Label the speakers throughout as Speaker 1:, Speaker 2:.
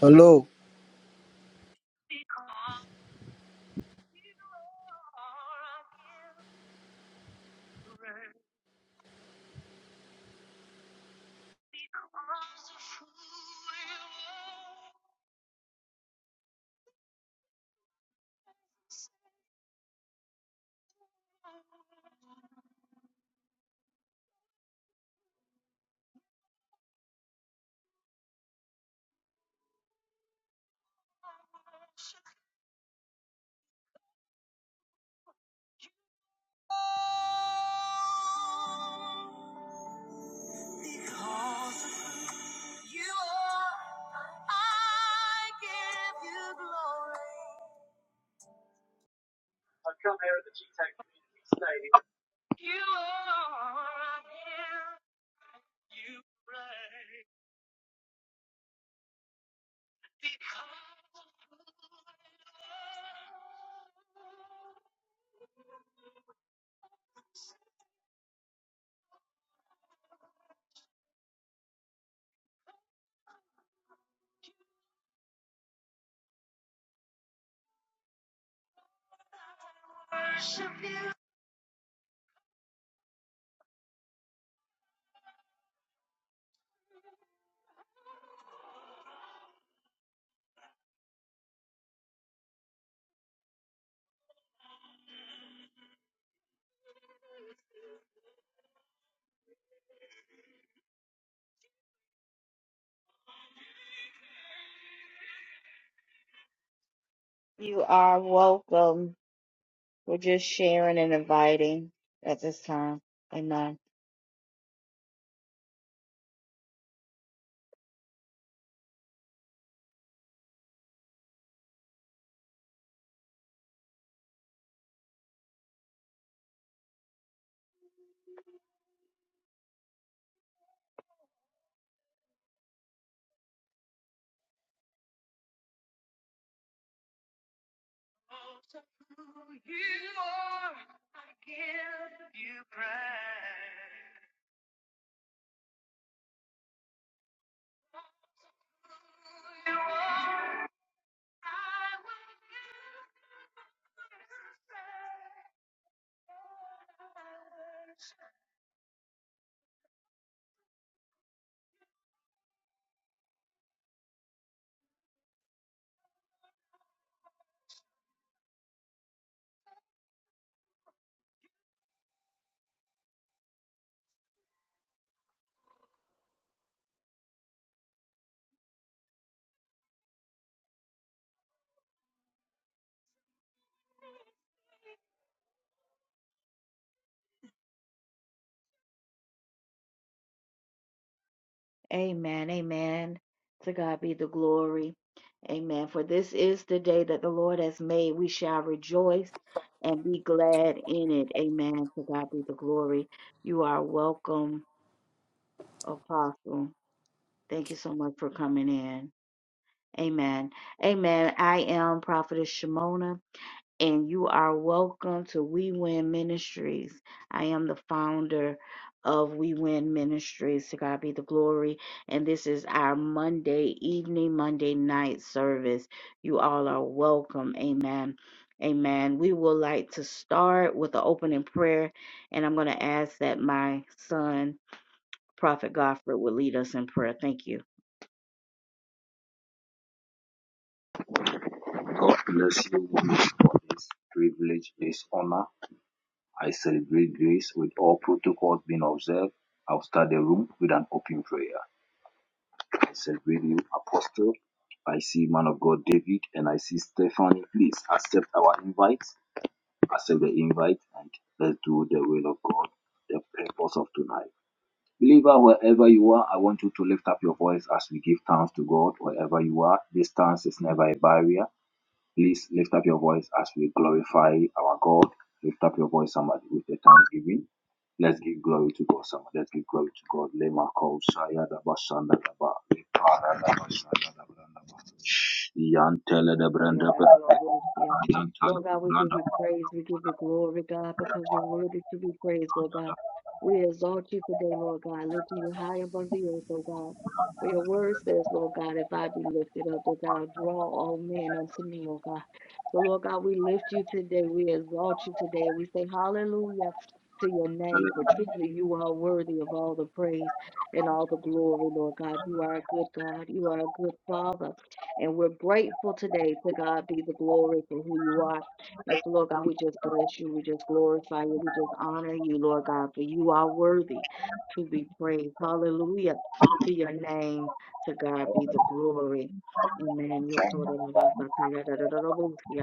Speaker 1: Hello.
Speaker 2: You are welcome. We're just sharing and inviting at this time. Amen. Amen. Amen. To God be the glory. Amen. For this is the day that the Lord has made. We shall rejoice and be glad in it. Amen. To God be the glory. You are welcome, Apostle. Thank you so much for coming in. Amen. Amen. I am Prophetess Shimona. and you are welcome to We Win Ministries. I am the founder of We Win Ministries. To God be the glory. And this is our Monday evening, Monday night service. You all are welcome. Amen. Amen. We would like to start with the opening prayer, and I'm going to ask that my son, Prophet Godfrey, will lead us in prayer. Thank you.
Speaker 3: God bless you women for this privilege, this honor. I celebrate grace with all protocols being observed. I'll start the room with an open prayer. I celebrate you, Apostle. I see man of God David and I see Stephanie. Please accept our invite. Accept the invite and let's do the will of God, the purpose of tonight. Believer, wherever you are, I want you to lift up your voice as we give thanks to God. Wherever you are, this thanks is never a barrier. Please lift up your voice as we glorify our God. Lift up your voice, somebody, with the thanksgiving. Let's give glory to God, somebody. Let's give glory to God. Lema kol shaya da ba shanda da ba. Le da ba shanda da ba ba. Yan tele de brenda pe. Yan tele de brenda pe.
Speaker 2: We exalt you today, Lord God, lifting you high above the earth, O God. For your word says, Lord God, if I be lifted up, O God. So, Lord, we lift you today. We exalt you today. We say hallelujah to your
Speaker 3: Tele
Speaker 2: name, for
Speaker 3: de
Speaker 2: truly you are worthy of all the praise and all the glory, Lord God. You are a good God. You are a good Father. And we're grateful today to God be the glory for who you are. And so, Lord God, we just bless you. We just glorify you. We just honor you, Lord God, for you are worthy to be praised. Hallelujah to your name. To God be the glory. Amen. Yo corro la basa, ta ya da da da da bo, yeah.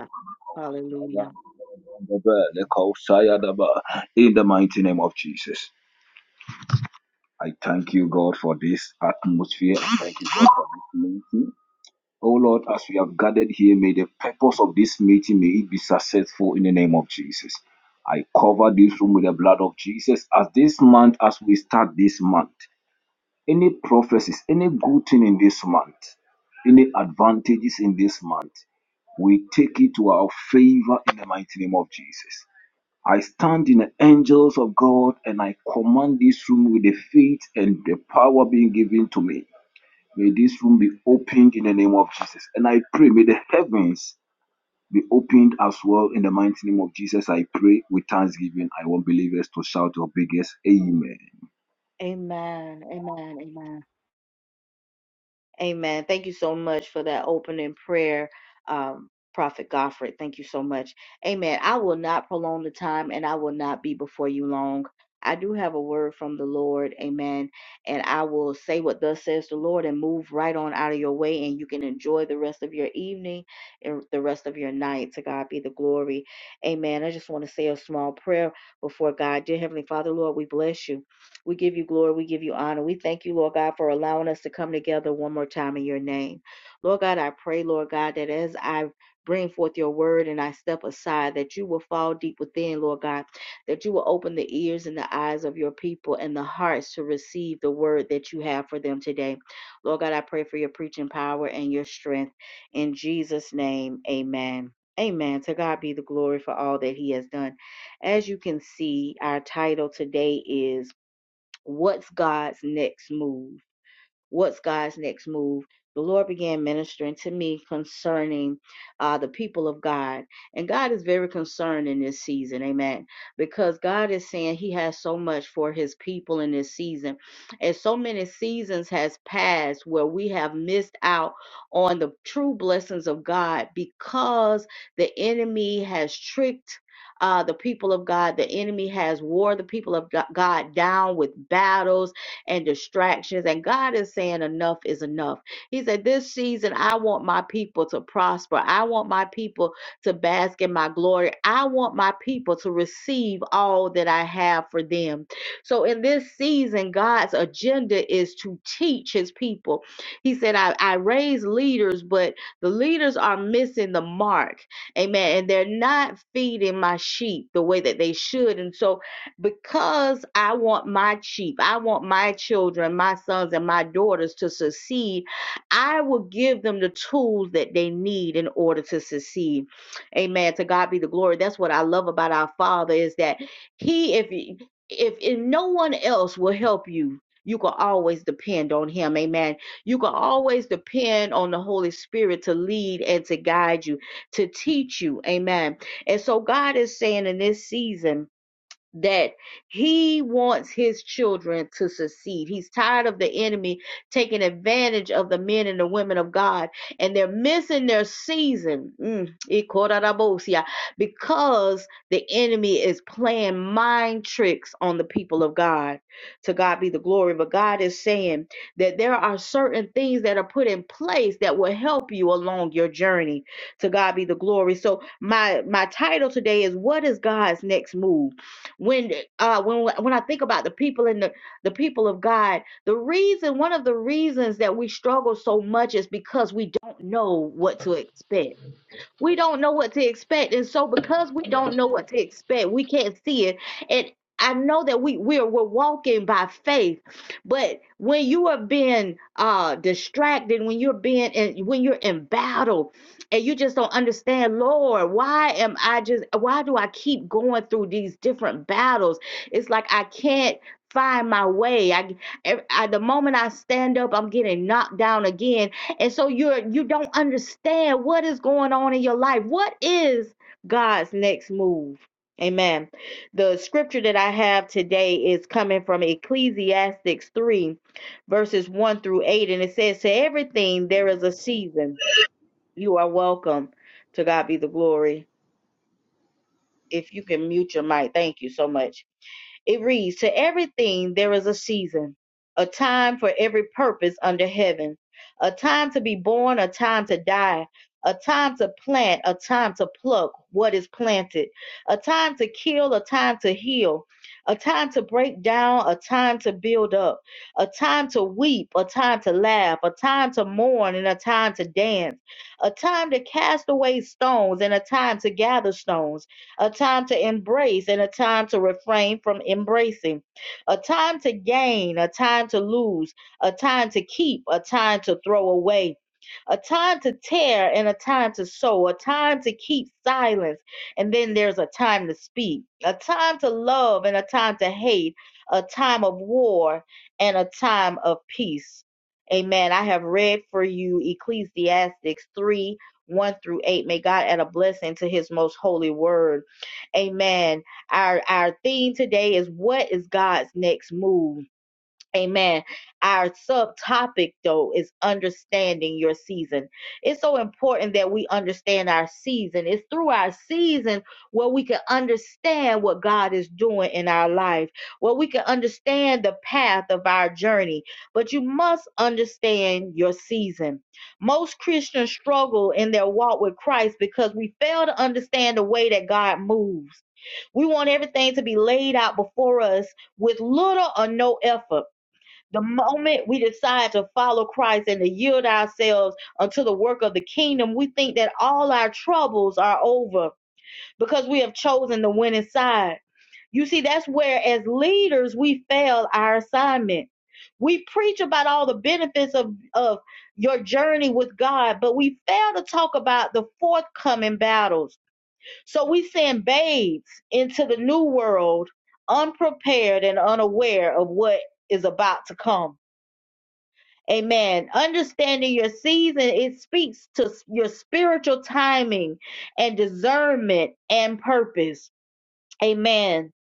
Speaker 2: Hallelujah.
Speaker 3: brenda pe. Le kol shaya da ba. In the mighty name of Jesus, I thank you, God, for this atmosphere. I thank you, God, for this meeting. Oh Lord, as we have gathered here, may the purpose of this meeting may it be successful in the name of Jesus. I cover this room with the blood of Jesus. As this month, as we start this month, any prophecies, any good thing in this month, any advantages in this month, we take it to our favor in the mighty name of Jesus. I stand in the angels of God and I command this room with the faith and the power being given to me. May this room be opened in the name of Jesus. And I pray, may the heavens be opened as well in the mighty name of Jesus. I pray with thanksgiving. I want believers to shout your biggest amen.
Speaker 2: Amen. Amen. Amen. Amen. Thank you so much for that opening prayer, um, Prophet Godfrey. Thank you so much. Amen. I will not prolong the time and I will not be before you long. I do have a word from the Lord. Amen. And I will say what thus says the Lord and move right on out of your way and you can enjoy the rest of your evening and the rest of your night. To God be the glory. Amen. I just want to say a small prayer before God. Dear Heavenly Father, Lord, we bless you. We give you glory. We give you honor. We thank you, Lord God, for allowing us to come together one more time in your name. Lord God, I pray, Lord God, that as I bring forth your word and I step aside, that you will fall deep within, Lord God, that you will open the ears and the eyes of your people and the hearts to receive the word that you have for them today. Lord God, I pray for your preaching power and your strength. In Jesus' name, amen. Amen. To God be the glory for all that he has done. As you can see, our title today is What's God's next move? what's God's next move? The Lord began ministering to me concerning uh, the people of God. And God is very concerned in this season, amen, because God is saying He has so much for His people in this season. And so many seasons has passed where we have missed out on the true blessings of God because the enemy has tricked. Uh, the people of God, the enemy has wore the people of God down with battles and distractions. And God is saying, enough is enough. He said, This season, I want my people to prosper. I want my people to bask in my glory. I want my people to receive all that I have for them. So, in this season, God's agenda is to teach his people. He said, I, I raise leaders, but the leaders are missing the mark. Amen. And they're not feeding my sheep the way that they should. And so, because I want my sheep, I want my children, my sons, and my daughters to succeed, I will give them the tools that they need in order to succeed. Amen. To God be the glory. That's what I love about our Father is that He, if if, if no one else will help you, you can always depend on Him. Amen. You can always depend on the Holy Spirit to lead and to guide you, to teach you. Amen. And so God is saying in this season, that he wants his children to succeed. He's tired of the enemy taking advantage of the men and the women of God, and they're missing their season mm, ikorarabosia, because the enemy is playing mind tricks on the people of God. To God be the glory. But God is saying that there are certain things that are put in place that will help you along your journey. To God be the glory. So my my title today is what is God's next move? when uh when when I think about the people in the the people of God, the reason one of the reasons that we struggle so much is because we don't know what to expect we don't know what to expect. And so because we don't know what to expect, we can't see it. And I know that we we're we're walking by faith, but when you are being uh distracted, when you're being in when you're in battle and you just don't understand, Lord, why am I just why do I keep going through these different battles? It's like I can't find my way. I, I I the moment I stand up, I'm getting knocked down again and so you're you don't understand what is going on in your life what is god's next move amen the scripture that i have today is coming from Ecclesiastes 3 verses 1 through 8 and it says to everything there is a season you are welcome to god be the glory if you can mute your mic thank you so much it reads, To everything there is a season, a time for every purpose under heaven, a time to be born, a time to die, a time to plant, a time to pluck what is planted, a time to kill, a time to heal, a time to break down, a time to build up, a time to weep, a time to laugh, a time to mourn, and a time to dance, a time to cast away stones, and a time to gather stones a time to embrace and a time to refrain from embracing, a time to gain, a time to lose, a time to keep, a time to throw away. A time to tear and a time to sow, a time to keep silence, and then there's a time to speak, a time to love and a time to hate, a time of war and a time of peace. Amen. I have read for you Ecclesiastics 3 1 through 8. May God add a blessing to his most holy word. Amen. Our our theme today is what is God's next move? Amen. Our subtopic though is understanding your season. It's so important that we understand our season. It's through our season where we can understand what God is doing in our life, where we can understand the path of our journey. But you must understand your season. Most Christians struggle in their walk with Christ because we fail to understand the way that God moves. We want everything to be laid out before us with little or no effort. The moment we decide to follow Christ and to yield ourselves unto the work of the kingdom, we think that all our troubles are over because we have chosen the winning side. You see, that's where, as leaders, we fail our assignment. We preach about all the benefits of, of your journey with God, but we fail to talk about the forthcoming battles so we send babes into the new world unprepared and unaware of what is about to come. Amen. Understanding your season, it speaks to your spiritual timing and discernment and purpose. Amen.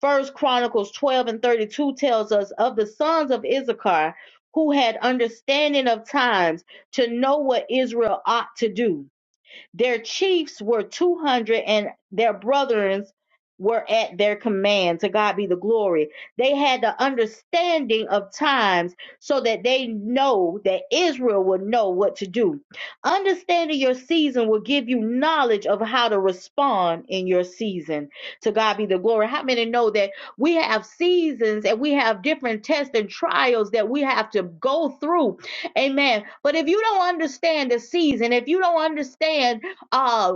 Speaker 2: First Chronicles 12 and 32 tells us of the sons of Issachar who had understanding of times to know what Israel ought to do their chiefs were 200 and their brethren were at their command. To God be the glory. They had the understanding of times so that they know that Israel would know what to do. Understanding your season will give you knowledge of how to respond in your season. To God be the glory. How many know that we have seasons and we have different tests and trials that we have to go through? Amen. But if you don't understand the season, if you don't understand uh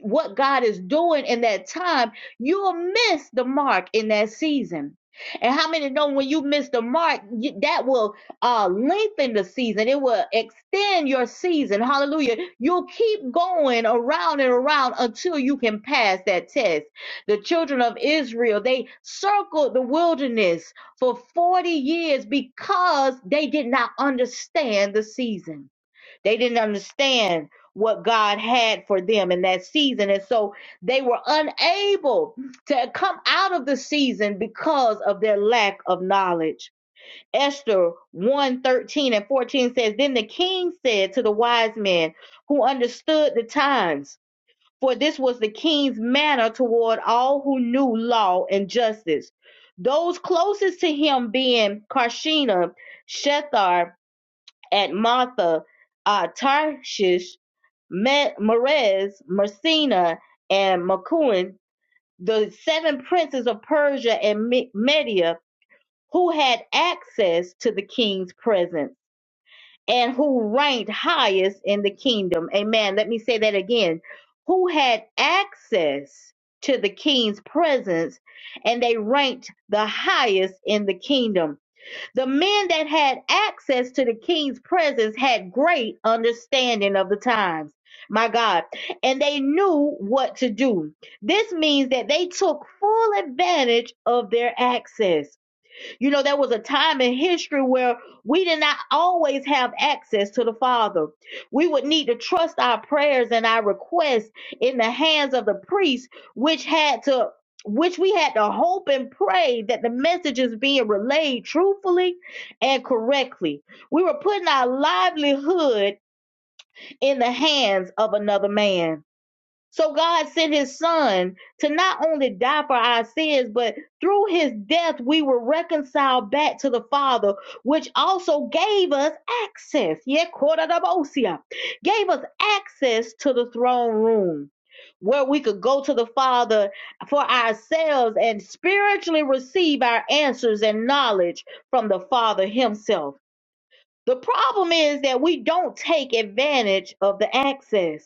Speaker 2: what God is doing in that time, you'll miss the mark in that season. And how many know when you miss the mark, you- that will uh, lengthen the season. It will extend your season. Hallelujah. You'll keep going around and around until you can pass that test. The children of Israel, they circled the wilderness for 40 years because they did not understand the season. They didn't understand what God had for them in that season. And so they were unable to come out of the season because of their lack of knowledge. Esther one 13 and 14 says, Then the king said to the wise men who understood the times, for this was the king's manner toward all who knew law and justice. Those closest to him being Karshina, Shethar, at Martha, uh, Tarshish, Merez, Messina, and Macuin, the seven princes of Persia and Media who had access to the king's presence and who ranked highest in the kingdom. Amen. Let me say that again. Who had access to the king's presence and they ranked the highest in the kingdom. The men that had access to the king's presence had great understanding of the times. My God. And they knew what to do. This means that they took full advantage of their access. You know, there was a time in history where we did not always have access to the Father. We would need to trust our prayers and our requests in the hands of the priest, which had to which we had to hope and pray that the message is being relayed truthfully and correctly. We were putting our livelihood in the hands of another man. So God sent his son to not only die for our sins, but through his death, we were reconciled back to the Father, which also gave us access. Yeah, Koradabosia, Gave us access to the throne room where we could go to the Father for ourselves and spiritually receive our answers and knowledge from the Father himself. The problem is that we don't take advantage of the access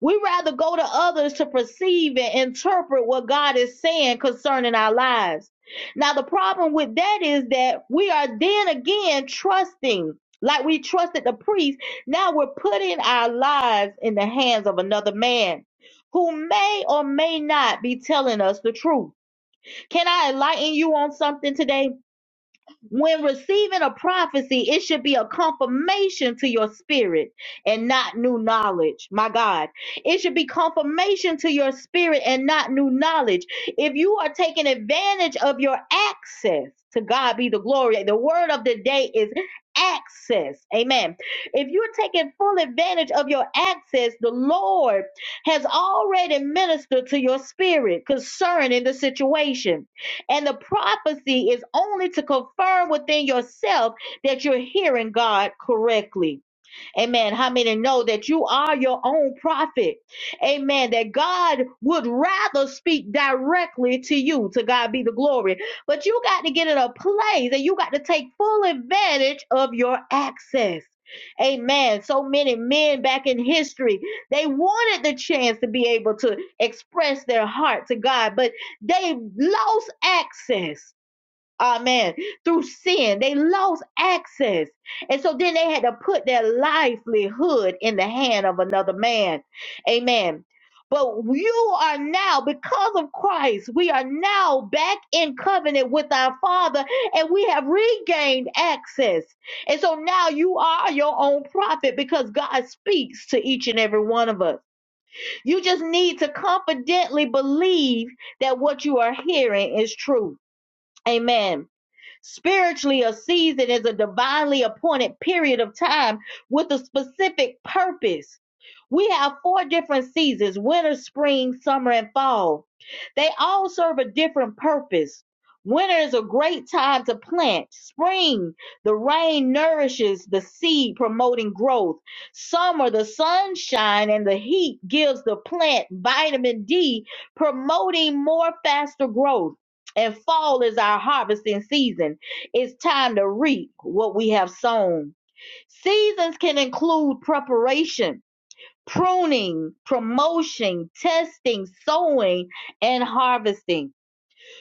Speaker 2: we rather go to others to perceive and interpret what God is saying concerning our lives. Now, the problem with that is that we are then again trusting, like we trusted the priest. Now we're putting our lives in the hands of another man who may or may not be telling us the truth. Can I enlighten you on something today? When receiving a prophecy, it should be a confirmation to your spirit and not new knowledge. My God, it should be confirmation to your spirit and not new knowledge. If you are taking advantage of your access, to God be the glory. The word of the day is access. Amen. If you're taking full advantage of your access, the Lord has already ministered to your spirit concerning the situation. And the prophecy is only to confirm within yourself that you're hearing God correctly. Amen. How many know that you are your own prophet? Amen. That God would rather speak directly to you. To God be the glory. But you got to get in a place and you got to take full advantage of your access. Amen. So many men back in history, they wanted the chance to be able to express their heart to God, but they lost access. Amen. Through sin, they lost access. And so then they had to put their livelihood in the hand of another man. Amen. But you are now, because of Christ, we are now back in covenant with our Father and we have regained access. And so now you are your own prophet because God speaks to each and every one of us. You just need to confidently believe that what you are hearing is true. Amen. Spiritually, a season is a divinely appointed period of time with a specific purpose. We have four different seasons winter, spring, summer, and fall. They all serve a different purpose. Winter is a great time to plant. Spring, the rain nourishes the seed, promoting growth. Summer, the sunshine and the heat gives the plant vitamin D, promoting more faster growth and fall is our harvesting season. It's time to reap what we have sown. Seasons can include preparation, pruning, promotion, testing, sowing, and harvesting.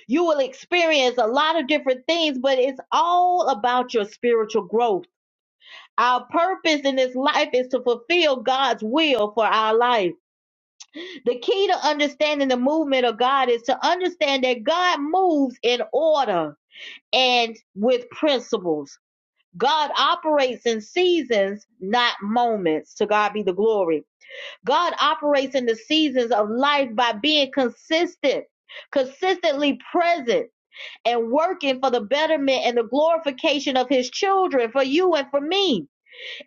Speaker 2: You will experience a lot of different things, but it's all about your spiritual growth. Our purpose in this life is to fulfill God's will for our life. The key to understanding the movement of God is to understand that God moves in order and with principles. God operates in seasons, not moments. To God be the glory. God operates in the seasons of life by being consistent, consistently present, and working for the betterment and the glorification of his children, for you and for me,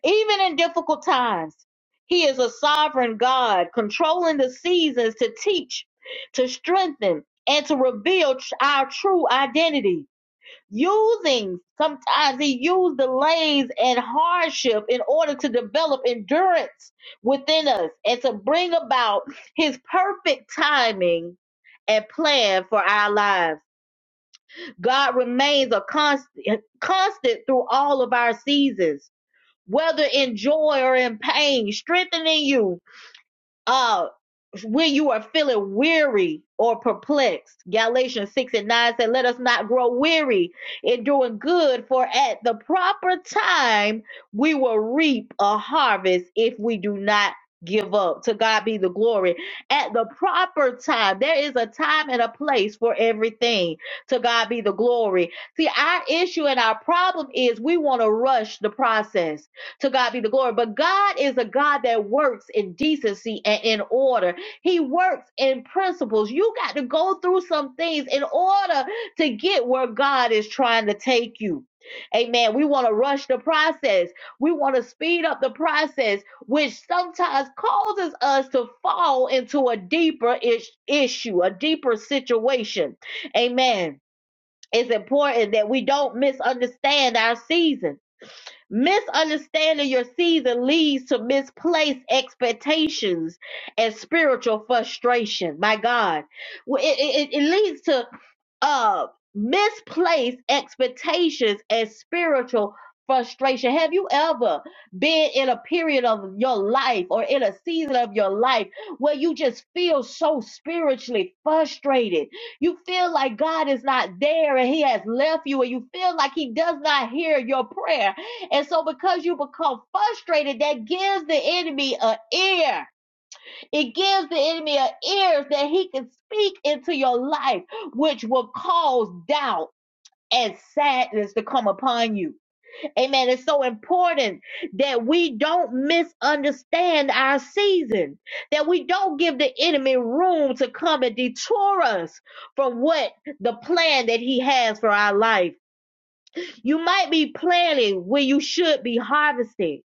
Speaker 2: even in difficult times. He is a sovereign God, controlling the seasons to teach, to strengthen, and to reveal tr- our true identity using sometimes he used delays and hardship in order to develop endurance within us and to bring about his perfect timing and plan for our lives god remains a constant constant through all of our seasons whether in joy or in pain strengthening you uh, when you are feeling weary or perplexed. Galatians 6 and 9 said, Let us not grow weary in doing good, for at the proper time we will reap a harvest if we do not give up. To God be the glory. At the proper time, there is a time and a place for everything. To God be the glory. See, our issue and our problem is we want to rush the process. To God be the glory. But God is a God that works in decency and in order. He works in principles. You got to go through some things in order to get where God is trying to take you. Amen. We want to rush the process. We want to speed up the process, which sometimes causes us to fall into a deeper ish- issue, a deeper situation. Amen. It's important that we don't misunderstand our seasons Misunderstanding your season leads to misplaced expectations and spiritual frustration. My God, Well, it, it, it- it leads to of misplaced expectations and spiritual frustration. Have you ever been in a period of your life or in a season of your life where you just feel so spiritually frustrated? You feel like God is not there and He has left you, and you feel like He does not hear your prayer. And so, because you become frustrated, that gives the enemy an ear it gives the enemy a ears that he can speak into your life, which will cause doubt and sadness to come upon you. Amen. It's so important that we don't misunderstand our season, that we don't give the enemy room to come and detour us from what the plan that he has for our life. You might be planning where you should be harvesting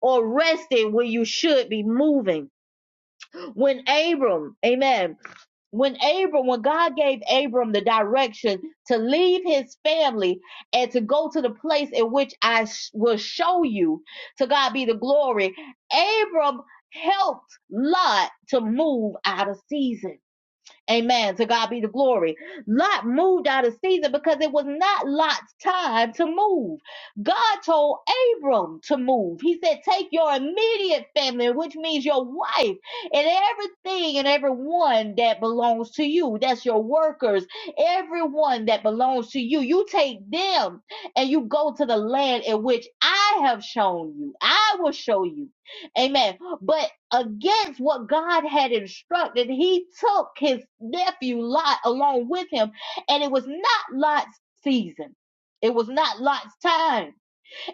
Speaker 2: or resting where you should be moving. When Abram, amen when Abram, when God gave Abram the direction to leave his family and to go to the place in which I sh- will show you, to God be the glory, Abram helped Lot to move out of season. Amen. To God be the glory. Lot moved out of season because it was not Lot's time to move. God told Abram to move. He said, Take your immediate family, which means your wife and everything and everyone that belongs to you. That's your workers, everyone that belongs to you. You take them and you go to the land in which I have shown you. I will show you. Amen. But against what God had instructed, he took his nephew Lot along with him, and it was not Lot's season. It was not Lot's time.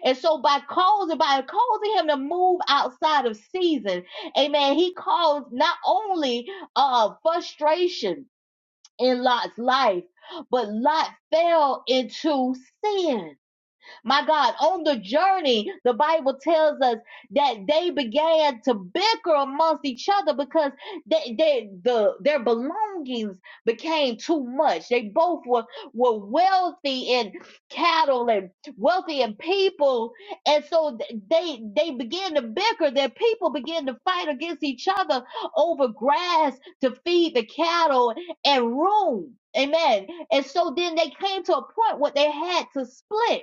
Speaker 2: And so by causing, by causing him to move outside of season, amen, he caused not only uh frustration in Lot's life, but Lot fell into sin my God, on the journey, the Bible tells us that they began to bicker amongst each other because they, they, the, their belongings became too much. They both were, were wealthy in cattle and wealthy in people. And so they, they began to bicker. Their people began to fight against each other over grass to feed the cattle and room. Amen. And so then they came to a point where they had to split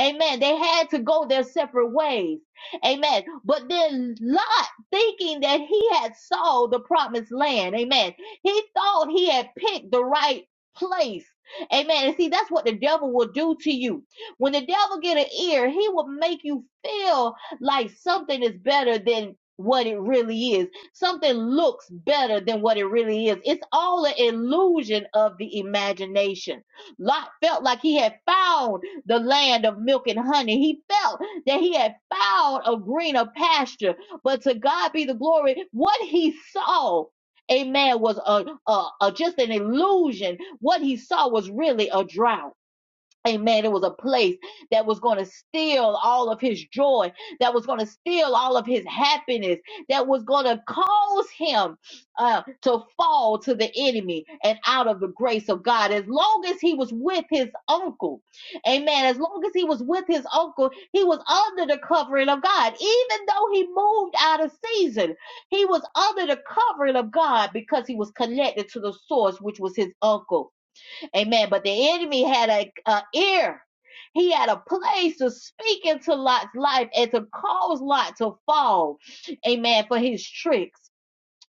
Speaker 2: Amen. They had to go their separate ways. Amen. But then Lot, thinking that he had saw the promised land, amen. He thought he had picked the right place. Amen. And see, that's what the devil will do to you. When the devil get an ear, he will make you feel like something is better than what it really is. Something looks better than what it really is. It's all an illusion of the imagination. Lot felt like he had found the land of milk and honey. He felt that he had found a greener pasture. But to God be the glory, what he saw. Amen. Was a, a, a just an illusion. What he saw was really a drought. Amen. It was a place that was going to steal all of his joy, that was going to steal all of his happiness, that was going to cause him uh, to fall to the enemy and out of the grace of God. As long as he was with his uncle, amen. As long as he was with his uncle, he was under the covering of God. Even though he moved out of season, he was under the covering of God because he was connected to the source, which was his uncle. Amen. But the enemy had a, a ear. He had a place to speak into Lot's life and to cause Lot to fall. Amen. For his tricks.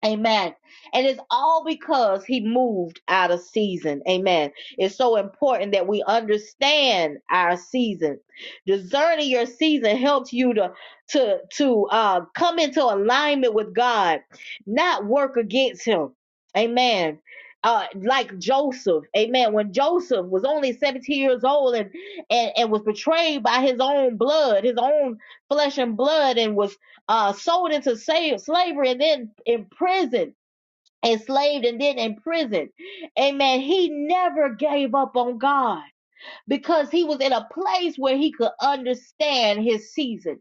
Speaker 2: Amen. And it's all because he moved out of season. Amen. It's so important that we understand our season. Discerning your season helps you to to to uh come into alignment with God, not work against him. Amen. Uh, like Joseph, amen. When Joseph was only 17 years old and, and, and was betrayed by his own blood, his own flesh and blood, and was uh, sold into slave slavery and then imprisoned, enslaved and then imprisoned. Amen. He never gave up on God because he was in a place where he could understand his season.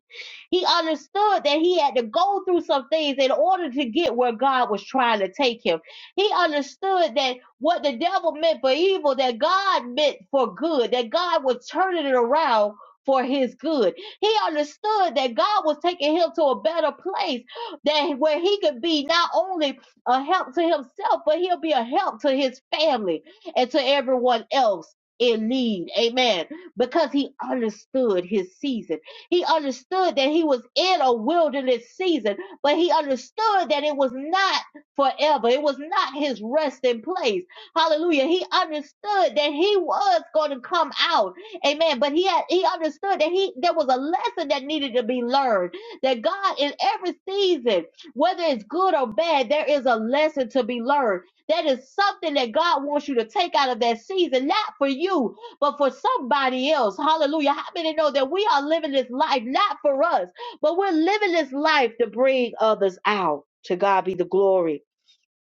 Speaker 2: He understood that he had to go through some things in order to get where God was trying to take him. He understood that what the devil meant for evil, that God meant for good, that God was turning it around for his good. He understood that God was taking him to a better place that where he could be not only a help to himself, but he'll be a help to his family and to everyone else in need. Amen. Because he understood his season. He understood that he was in a wilderness season, but he understood that it was not forever. It was not his resting place. Hallelujah. He understood that he was going to come out. Amen. But he had, he understood that he, there was a lesson that needed to be learned that God in every season, whether it's good or bad, there is a lesson to be learned that is something that God wants you to take out of that season, not for you, but for somebody else. Hallelujah. How many know that we are living this life not for us, but we're living this life to bring others out? To God be the glory.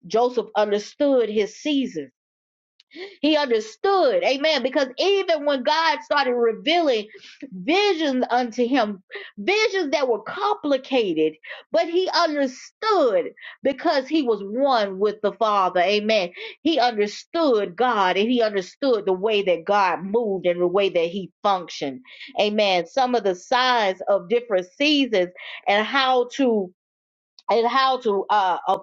Speaker 2: Joseph understood his season. He understood. Amen. Because even when God started revealing visions unto him, visions that were complicated, but he understood because he was one with the Father. Amen. He understood God and he understood the way that God moved and the way that he functioned. Amen. Some of the signs of different seasons and how to and how to uh, uh,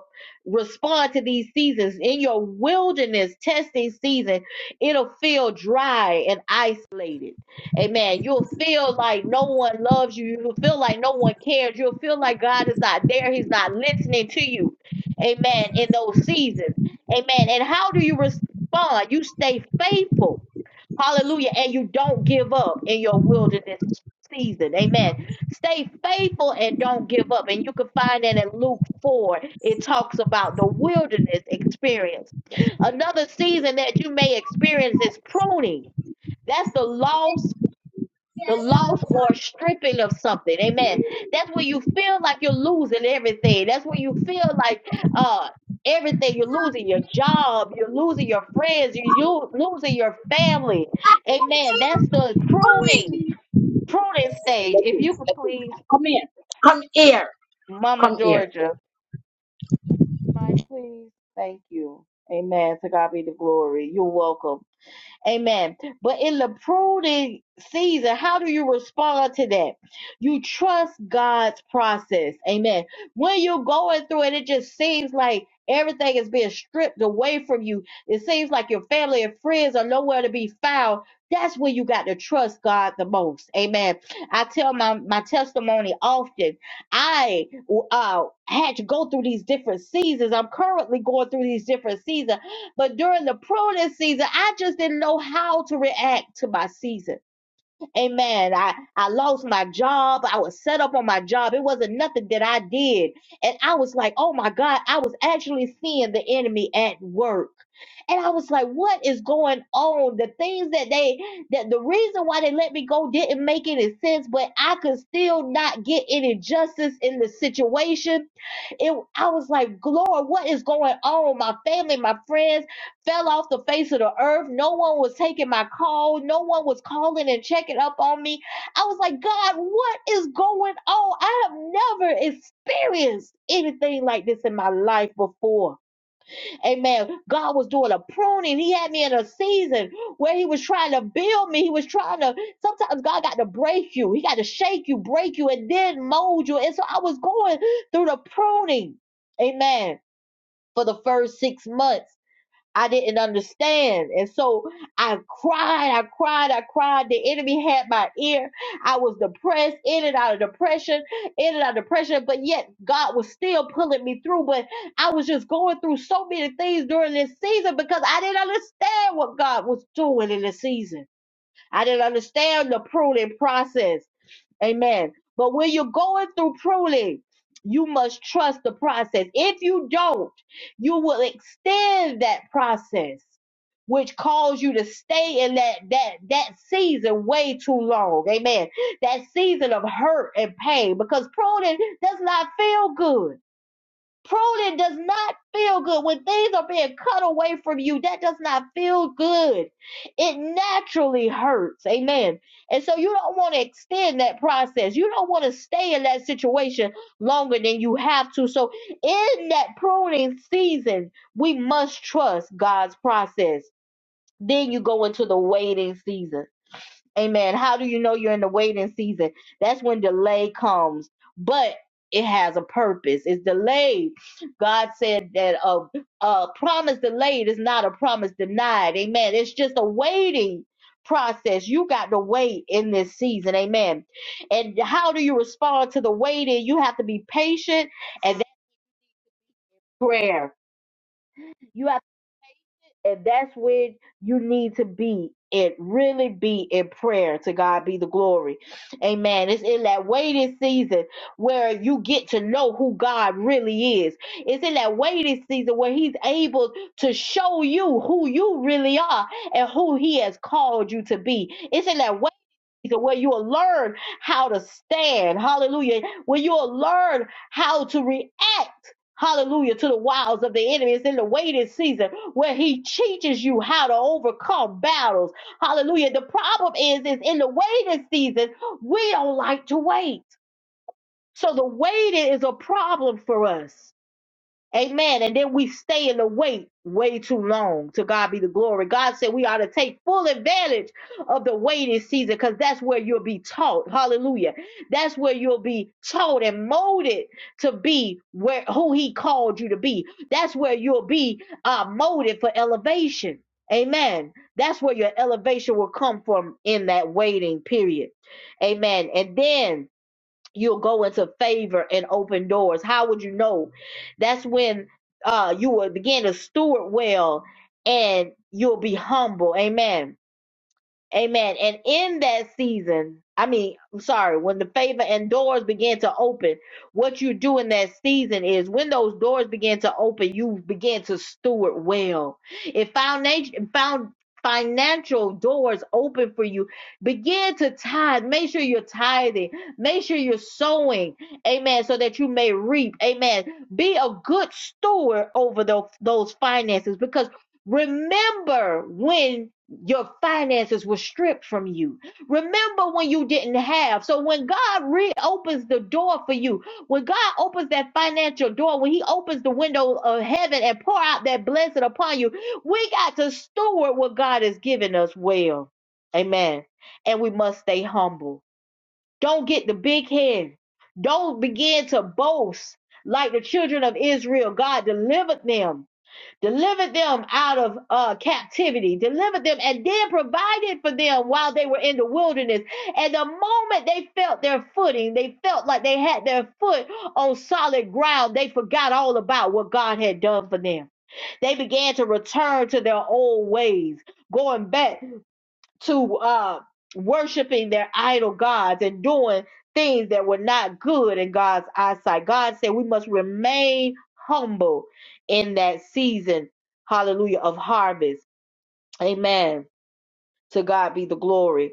Speaker 2: respond to these seasons in your wilderness testing season it'll feel dry and isolated amen you'll feel like no one loves you you'll feel like no one cares you'll feel like god is not there he's not listening to you amen in those seasons amen and how do you respond you stay faithful Hallelujah. And you don't give up in your wilderness season. Amen. Stay faithful and don't give up. And you can find that in Luke 4. It talks about the wilderness experience. Another season that you may experience is pruning. That's the loss the loss or stripping of something. Amen. That's where you feel like you're losing everything. That's where you feel like uh everything you're losing your job, you're losing your friends, you're you losing your family. Amen. That's the pruning, pruning stage. If you could please,
Speaker 4: Come here,
Speaker 2: Mama
Speaker 4: come here.
Speaker 2: Georgia. Mike, please. Thank you. Amen. To God be the glory. You're welcome. Amen. But in the pruning season, how do you respond to that? You trust God's process. Amen. When you're going through it, it just seems like everything is being stripped away from you. It seems like your family and friends are nowhere to be found. That's when you got to trust God the most. Amen. I tell my, my testimony often. I uh, had to go through these different seasons. I'm currently going through these different seasons but during the pruning season, I just didn't know how to react to my season. Amen. I, I lost my job. I was set up on my job. It wasn't nothing that I did. And I was like, oh my God, I was actually seeing the enemy at work. And I was like, what is going on? The things that they, that the reason why they let me go didn't make any sense, but I could still not get any justice in the situation it, I was like, Lord, what is going on? My family, my friends fell off the face of the earth. No one was taking my call. No one was calling and checking up on me. I was like, God, what is going on? I have never experienced anything like this in my life before. Amen. God was doing a pruning. He had me in a season where He was trying to build me. He was trying to, sometimes God got to break you. He got to shake you, break you, and then mold you. And so I was going through the pruning. Amen. For the first six months. I didn't understand. And so I cried, I cried, I cried. The enemy had my ear. I was depressed, in and out of depression, in and out of depression, but yet God was still pulling me through. But I was just going through so many things during this season because I didn't understand what God was doing in the season. I didn't understand the pruning process. Amen. But when you're going through pruning, you must trust the process. If you don't, you will extend that process, which calls you to stay in that that that season way too long. Amen. That season of hurt and pain, because pruning does not feel good. Pruning does not feel good. When things are being cut away from you, that does not feel good. It naturally hurts. Amen. And so you don't want to extend that process. You don't want to stay in that situation longer than you have to. So in that pruning season, we must trust God's process. Then you go into the waiting season. Amen. How do you know you're in the waiting season? That's when delay comes, but it has a purpose. It's delayed. God said that a, a promise delayed is not a promise denied. Amen. It's just a waiting process. You got to wait in this season. Amen. And how do you respond to the waiting? You have to be patient and that's prayer. You have. And that's where you need to be. It really be in prayer to God be the glory. Amen. It's in that waiting season where you get to know who God really is. It's in that waiting season where He's able to show you who you really are and who He has called you to be. It's in that waiting so where you will learn how to stand. Hallelujah. Where you will learn how to react. Hallelujah to the wiles of the enemy. It's in the waiting season where he teaches you how to overcome battles. Hallelujah. The problem is, is in the waiting season, we don't like to wait. So the waiting is a problem for us. Amen. And then we stay in the wait way too long. To God be the glory. God said we ought to take full advantage of the waiting season because that's where you'll be taught. Hallelujah. That's where you'll be taught and molded to be where who He called you to be. That's where you'll be uh, molded for elevation. Amen. That's where your elevation will come from in that waiting period. Amen. And then you'll go into favor and open doors. How would you know? That's when uh, you will begin to steward well and you'll be humble. Amen Amen. And in that season, I mean, I'm sorry, when the favor and doors begin to open, what you do in that season is when those doors begin to open, you begin to steward well. If foundation found financial doors open for you, begin to tithe. Make sure you're tithing. Make sure you're sowing. Amen. So that you may reap. Amen. Be a good steward over tho- those finances because remember when your finances were stripped from you. Remember when you didn't have. So when God reopens the door for you, when God opens that financial door, when He opens the window of heaven and pour out that blessing upon you, we got to steward what God has given us well. Amen. And we must stay humble. Don't get the big head. Don't begin to boast like the children of Israel. God delivered them delivered them out of uh, captivity, delivered them, and then provided for them while they were in the wilderness. And the moment they felt their footing, they felt like they had their foot on solid ground, they forgot all about what God had done for them. They began to return to their old ways, going back to uh, worshiping their idol gods and doing things that were not good in God's eyesight. God said we must remain humble in that season, hallelujah, of harvest. Amen. To God be the glory.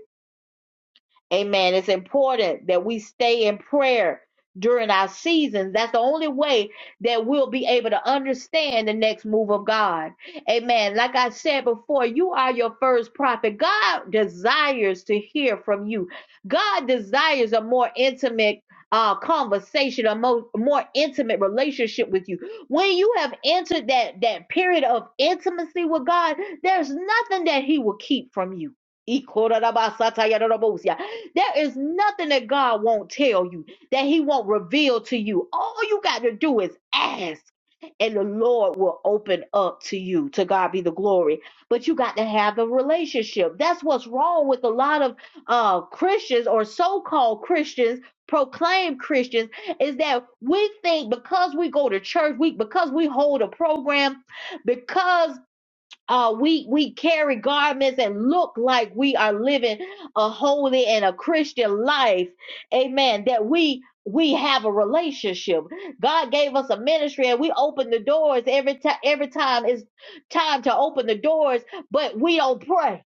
Speaker 2: Amen. It's important that we stay in prayer during our seasons. That's the only way that we'll be able to understand the next move of God. Amen. Like I said before, you are your first prophet. God desires to hear from you. God desires a more intimate uh, conversation, a mo- more intimate relationship with you. When you have entered that that period of intimacy with God, there's nothing that He will keep from you. There is nothing that God won't tell you, that He won't reveal to you. All you got to do is ask, and the Lord will open up to you. To God be the glory. But you got to have a relationship. That's what's wrong with a lot of uh, Christians or so called Christians. proclaimed Christians is that we think because we go to church, we because we hold a program, because uh, we we carry garments and look like we are living a holy and a Christian life, Amen. That we we have a relationship. God gave us a ministry, and we open the doors every time. Every time it's time to open the doors, but we don't pray.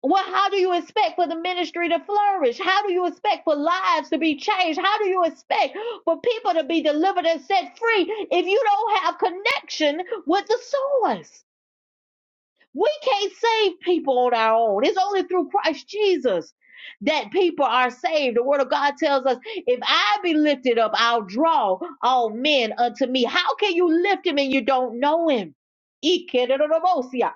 Speaker 2: Well, how do you expect for the ministry to flourish? How do you expect for lives to be changed? How do you expect for people to be delivered and set free if you don't have connection with the source? We can't save people on our own. It's only through Christ Jesus that people are saved. The word of God tells us, if I be lifted up, I'll draw all men unto me. How can you lift him and you don't know him? Ikerorobosia,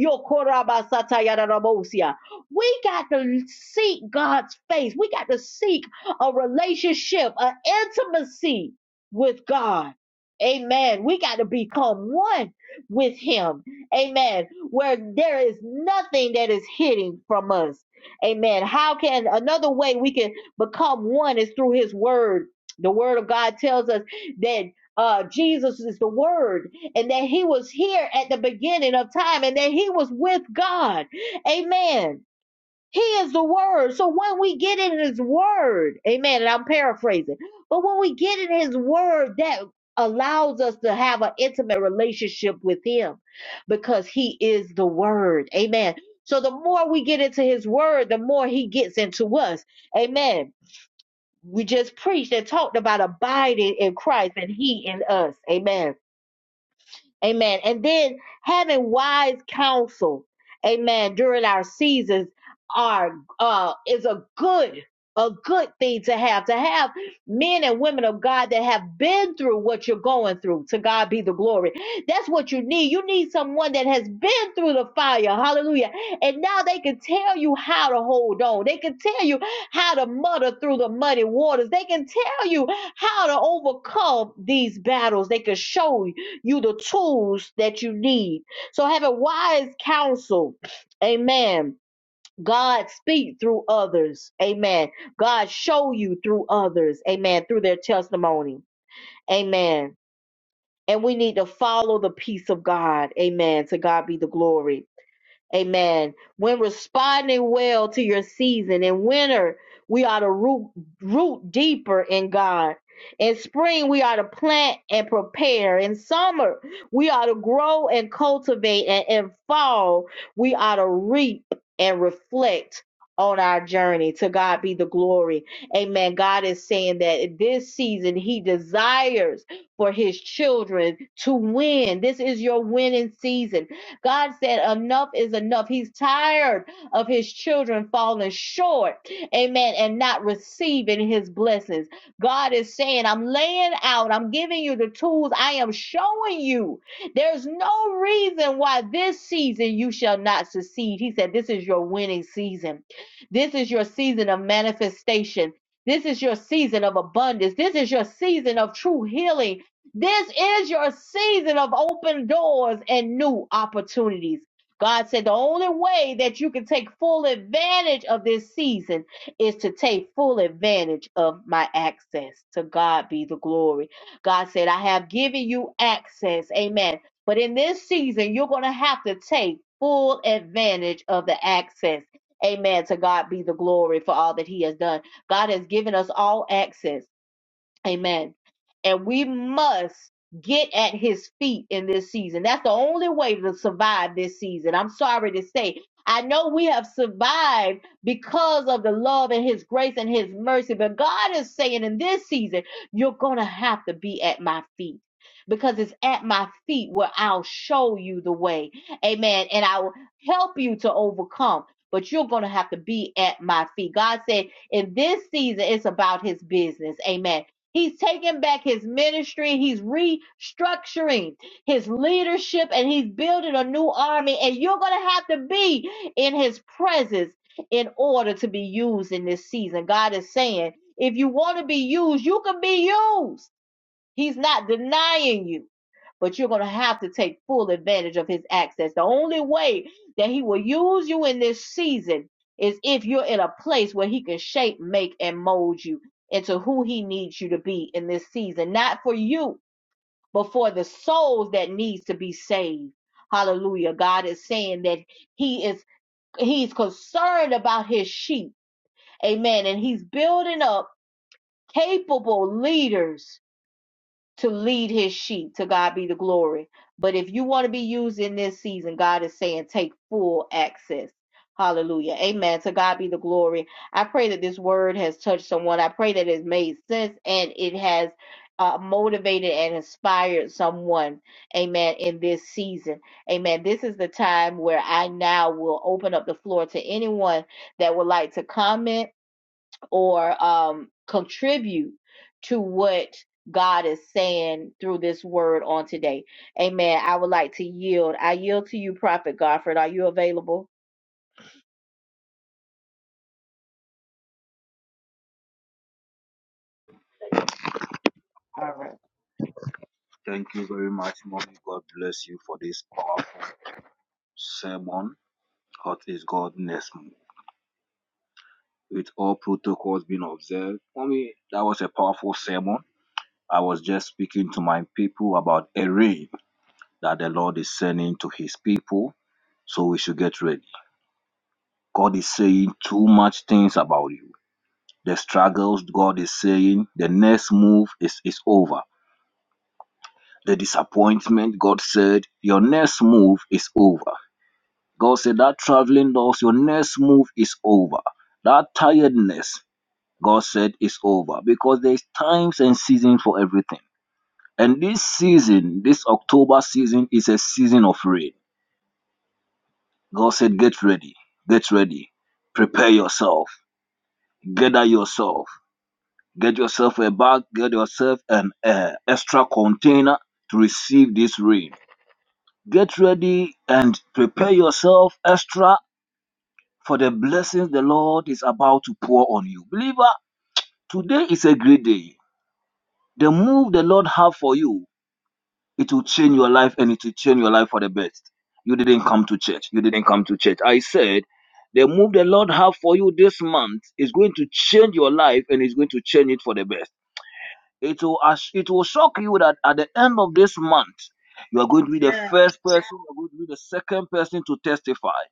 Speaker 2: yokorabasatayararabosia. We got to seek God's face. We got to seek a relationship, an intimacy with God. Amen. We got to become one with him. Amen where there is nothing that is hidden from us. Amen. How can another way we can become one is through his word. The word of God tells us that uh, Jesus is the word and that he was here at the beginning of time and that he was with God. Amen he is the word. So when we get in his word, amen, and I'm paraphrasing, but when we get in his word, that allows us to have an intimate relationship with him because he is the word. Amen. So the more we get into his word, the more he gets into us. Amen. We just preached and talked about abiding in Christ and he in us. Amen. Amen. And then having wise counsel, amen, during our seasons are uh is a good a good thing to have to have men and women of God that have been through what you're going through. To God be the glory. That's what you need. You need someone that has been through the fire. Hallelujah. And now they can tell you how to hold on. They can tell you how to muddle through the muddy waters. They can tell you how to overcome these battles. They can show you you the tools that you need. So having wise counsel, amen. God speak through others. Amen. God show you through others. Amen. Through their testimony. Amen. And we need to follow the peace of God. Amen. To God be the glory. Amen. When responding well to your season in winter, we are to root, root deeper in God. In spring, we are to plant and prepare. In summer, we are to grow and cultivate. And in fall, we are to reap and reflect on our journey. To God be the glory. Amen. God is saying that in this season, He desires for His children to win. This is your winning season God said, Enough is enough. He's tired of his children falling short, amen, and not receiving his blessings. God is saying, I'm laying out, I'm giving you the tools, I am showing you. There's no reason why this season you shall not succeed. He said, This is your winning season. This is your season of manifestation. This is your season of abundance. This is your season of true healing this is your season of open doors and new opportunities. God said the only way that you can take full advantage of this season is to take full advantage of my access. To God be the glory. God said, I have given you access. Amen. But in this season, you're going to have to take full advantage of the access. Amen. To God be the glory for all that He has done. God has given us all access. Amen. And we must get at his feet in this season. That's the only way to survive this season. I'm sorry to say. I know we have survived because of the love and his grace and his mercy, but God is saying in this season, you're going to have to be at my feet. Because it's at my feet where I'll show you the way. Amen. And I will help you to overcome. But you're going to have to be at my feet. God said in this season, it's about his business. Amen He's taking back his ministry. He's restructuring his leadership and he's building a new army. And you're going to have to be in his presence in order to be used in this season. God is saying, if you want to be used, you can be used. He's not denying you but you're going to have to take full advantage of his access. The only way that he will use you in this season is if you're in a place where he can shape, make, and mold you into who he needs you to be in this season, not for you, but for the souls that needs to be saved. Hallelujah. God is saying that he is he's concerned about his sheep. Amen. And he's building up capable leaders to lead his sheep. To God be the glory. But if you want to be used in this season, God is saying take full access. Hallelujah. Amen. To God be the glory. I pray that this word has touched someone. I pray that it's made sense and it has uh, motivated and inspired someone. Amen. In this season. Amen. This is the time where I now will open up the floor to anyone that would like to comment or um, contribute to what God is saying through this word on today. Amen. I would like to yield. I yield to you, Prophet Godfred. Are you available?
Speaker 3: Thank you very much, Mommy. God bless you for this powerful sermon. What is God next move? With all protocols being observed, that was a powerful sermon. I was just speaking to my people about a rain that the Lord is sending to his people. So we should get ready. God is saying too much things about you. The struggles, God is saying the next move is, is over. The disappointment, God said, your next move is over. God said, that traveling loss, your next move is over. That tiredness, God said, is over because there's times and seasons for everything. And this season, this October season, is a season of rain. God said, get ready, get ready, prepare yourself, gather yourself Get yourself a bag, get yourself an uh, extra container to receive this rain. Get ready and prepare yourself extra for the blessings the Lord is about to pour on you. Believer, today is a great day. The move the Lord have for you, it will change your life and it will change your life for the best. You didn't come to church. You didn't come to church. I said, the move the Lord have for you this month is going to change your life and it's going to change it for the best. It will ass- it will shock you that at the end of this month, you are going to be the
Speaker 5: Yeah.
Speaker 3: first person, you are going to be the second person to testify.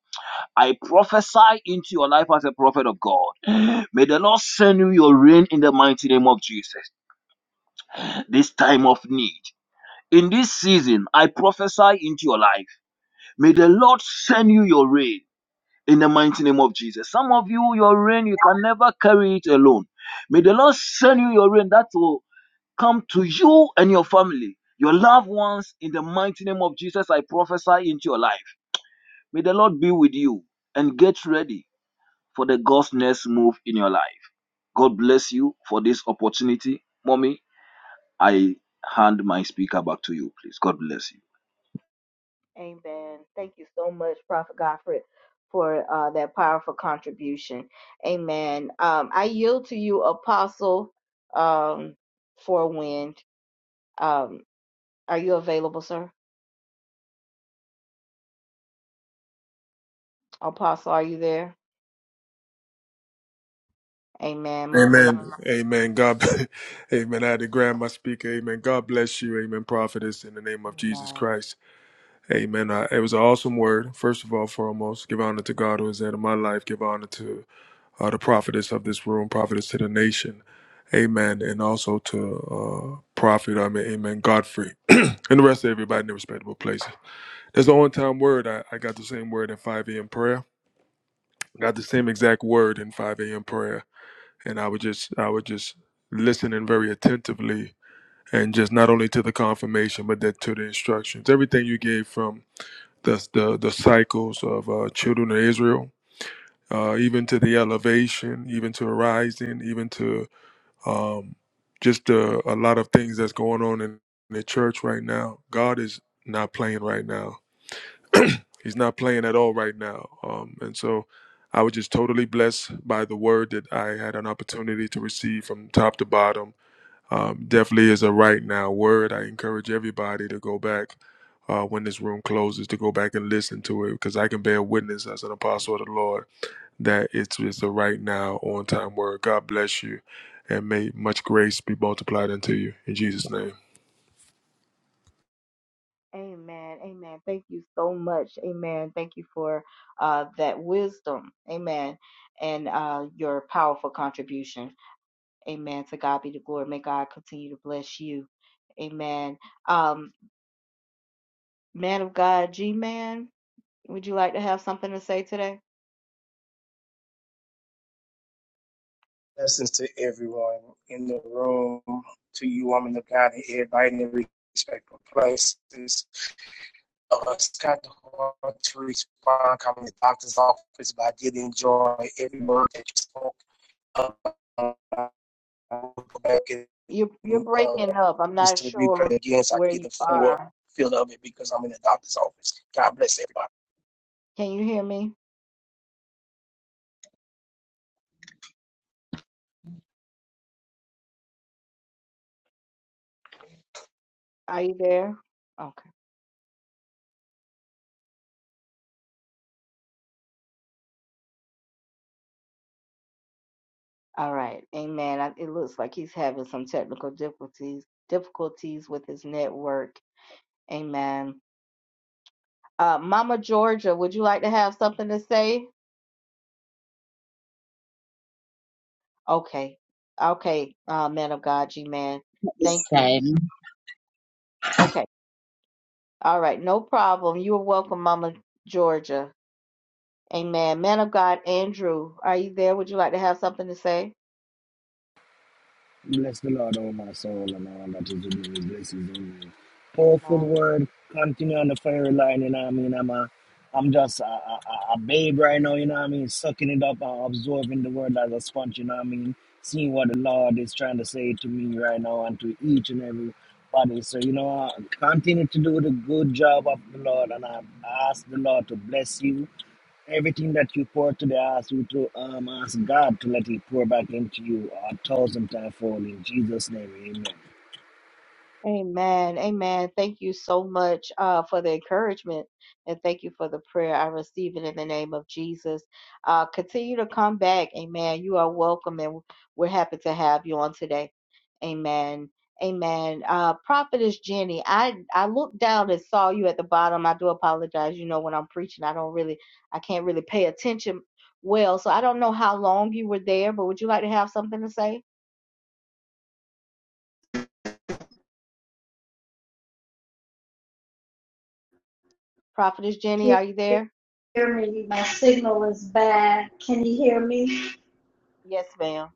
Speaker 3: I prophesy into your life as a prophet of God. May the Lord send you your rain in the mighty name of Jesus. This time of need. In this season, I prophesy into your life. May the Lord send you your rain in the mighty name of Jesus. Some of you, your rain, you can never carry it alone. May the Lord send you your rain that will come to you and your family, your loved ones, in the mighty name of Jesus. I prophesy into your life. May the Lord be with you and get ready for the God's next move in your life. God bless you for this opportunity. Mommy, I hand my speaker back to you, please. God bless you.
Speaker 2: Amen. Thank you so much, Prophet Godfred, for uh, that powerful contribution. Amen. Um, I yield to you, Apostle um, Forwind. Um, are you available, sir? Apostle, are you there? Amen. Moving right.
Speaker 6: Amen. Amen. God, amen. I had to grab my speaker. Amen. God bless you. Amen. Prophetess in the name of Jesus Christ. Amen. Uh, it was an awesome word. First of all, foremost, give honor to God who is head of my life. Give honor to uh, the prophetess of this room, prophetess to the nation. Amen. And also to uh, prophet, I mean, amen, Godfrey, and the rest of everybody in their respectable places. That's the only time word I, I got the same word in 5 a.m. prayer. Got the same exact word in 5 a.m. prayer and I would just I would just listen in very attentively and just not only to the confirmation but that to the instructions. Everything you gave from the the, the cycles of uh, children of Israel, uh, even to the elevation, even to rising, even to um, just uh, a lot of things that's going on in the church right now. God is not playing right now. He's not playing at all right now. Um, and so I was just totally blessed by the word that I had an opportunity to receive from top to bottom um, definitely is a right now word. I encourage everybody to go back uh, when this room closes to go back and listen to it because I can bear witness as an apostle of the Lord that it's, it's a right now on time word. God bless you and may much grace be multiplied unto you in Jesus' name.
Speaker 2: Amen. Amen. Thank you so much. Amen. Thank you for uh, that wisdom. Amen. And uh, your powerful contribution. Amen. To God be the glory. May God continue to bless you. Amen. Um, man of God, G Man, would you like to have something to say today?
Speaker 7: Blessings to everyone in the room, to you, woman of God, and everybody in every respectful places. Uh, it's kind of hard to respond coming to the doctor's office, but I did enjoy every word that you spoke. Uh, I will go back and
Speaker 2: You're, you're
Speaker 7: uh,
Speaker 2: breaking up. I'm not
Speaker 7: listen to the replay
Speaker 2: sure
Speaker 7: again so I can
Speaker 2: where
Speaker 7: get
Speaker 2: you
Speaker 7: the full
Speaker 2: are.
Speaker 7: feel of it because I'm in the doctor's office. God bless everybody.
Speaker 2: Can you hear me? Are you there? Okay. All right, amen. I, it looks like he's having some technical difficulties difficulties with his network. Amen. Uh, Mama Georgia, would you like to have something to say? Okay, okay, uh, man of God, G man,
Speaker 4: This
Speaker 2: thank you.
Speaker 4: time.
Speaker 2: Okay, all right, no problem. You are welcome, Mama Georgia. Amen. Man of God, Andrew, are you there? Would you like to have something to say?
Speaker 8: Bless the Lord, O my soul, and all that is within me. Bless his holy name. Powerful word. Continue on the fiery line, you know what I mean? I'm, a, I'm just a, a, a a babe right now, you know what I mean? Sucking it up and absorbing the word as a sponge, you know what I mean? Seeing what the Lord is trying to say to me right now and to each and every body. So, you know, uh, continue to do the good job of the Lord, and I ask the Lord to bless you. Everything that you pour to the ask you to um, ask God to let He pour back into you a thousand times fold in Jesus' name. Amen.
Speaker 2: Amen. Amen. Thank you so much uh, for the encouragement and thank you for the prayer. I receive it in the name of Jesus. Uh, continue to come back. Amen. You are welcome and we're happy to have you on today. Amen. Amen. Uh, Prophetess Jenny, I, I looked down and saw you at the bottom. I do apologize. You know, when I'm preaching, I don't really, I can't really pay attention well. So I don't know how long you were there, but would you like to have something to say? Prophetess Jenny,
Speaker 5: Can
Speaker 2: are you
Speaker 5: you
Speaker 2: there?
Speaker 5: hear me? My signal is bad. Can you hear me?
Speaker 2: Yes, ma'am.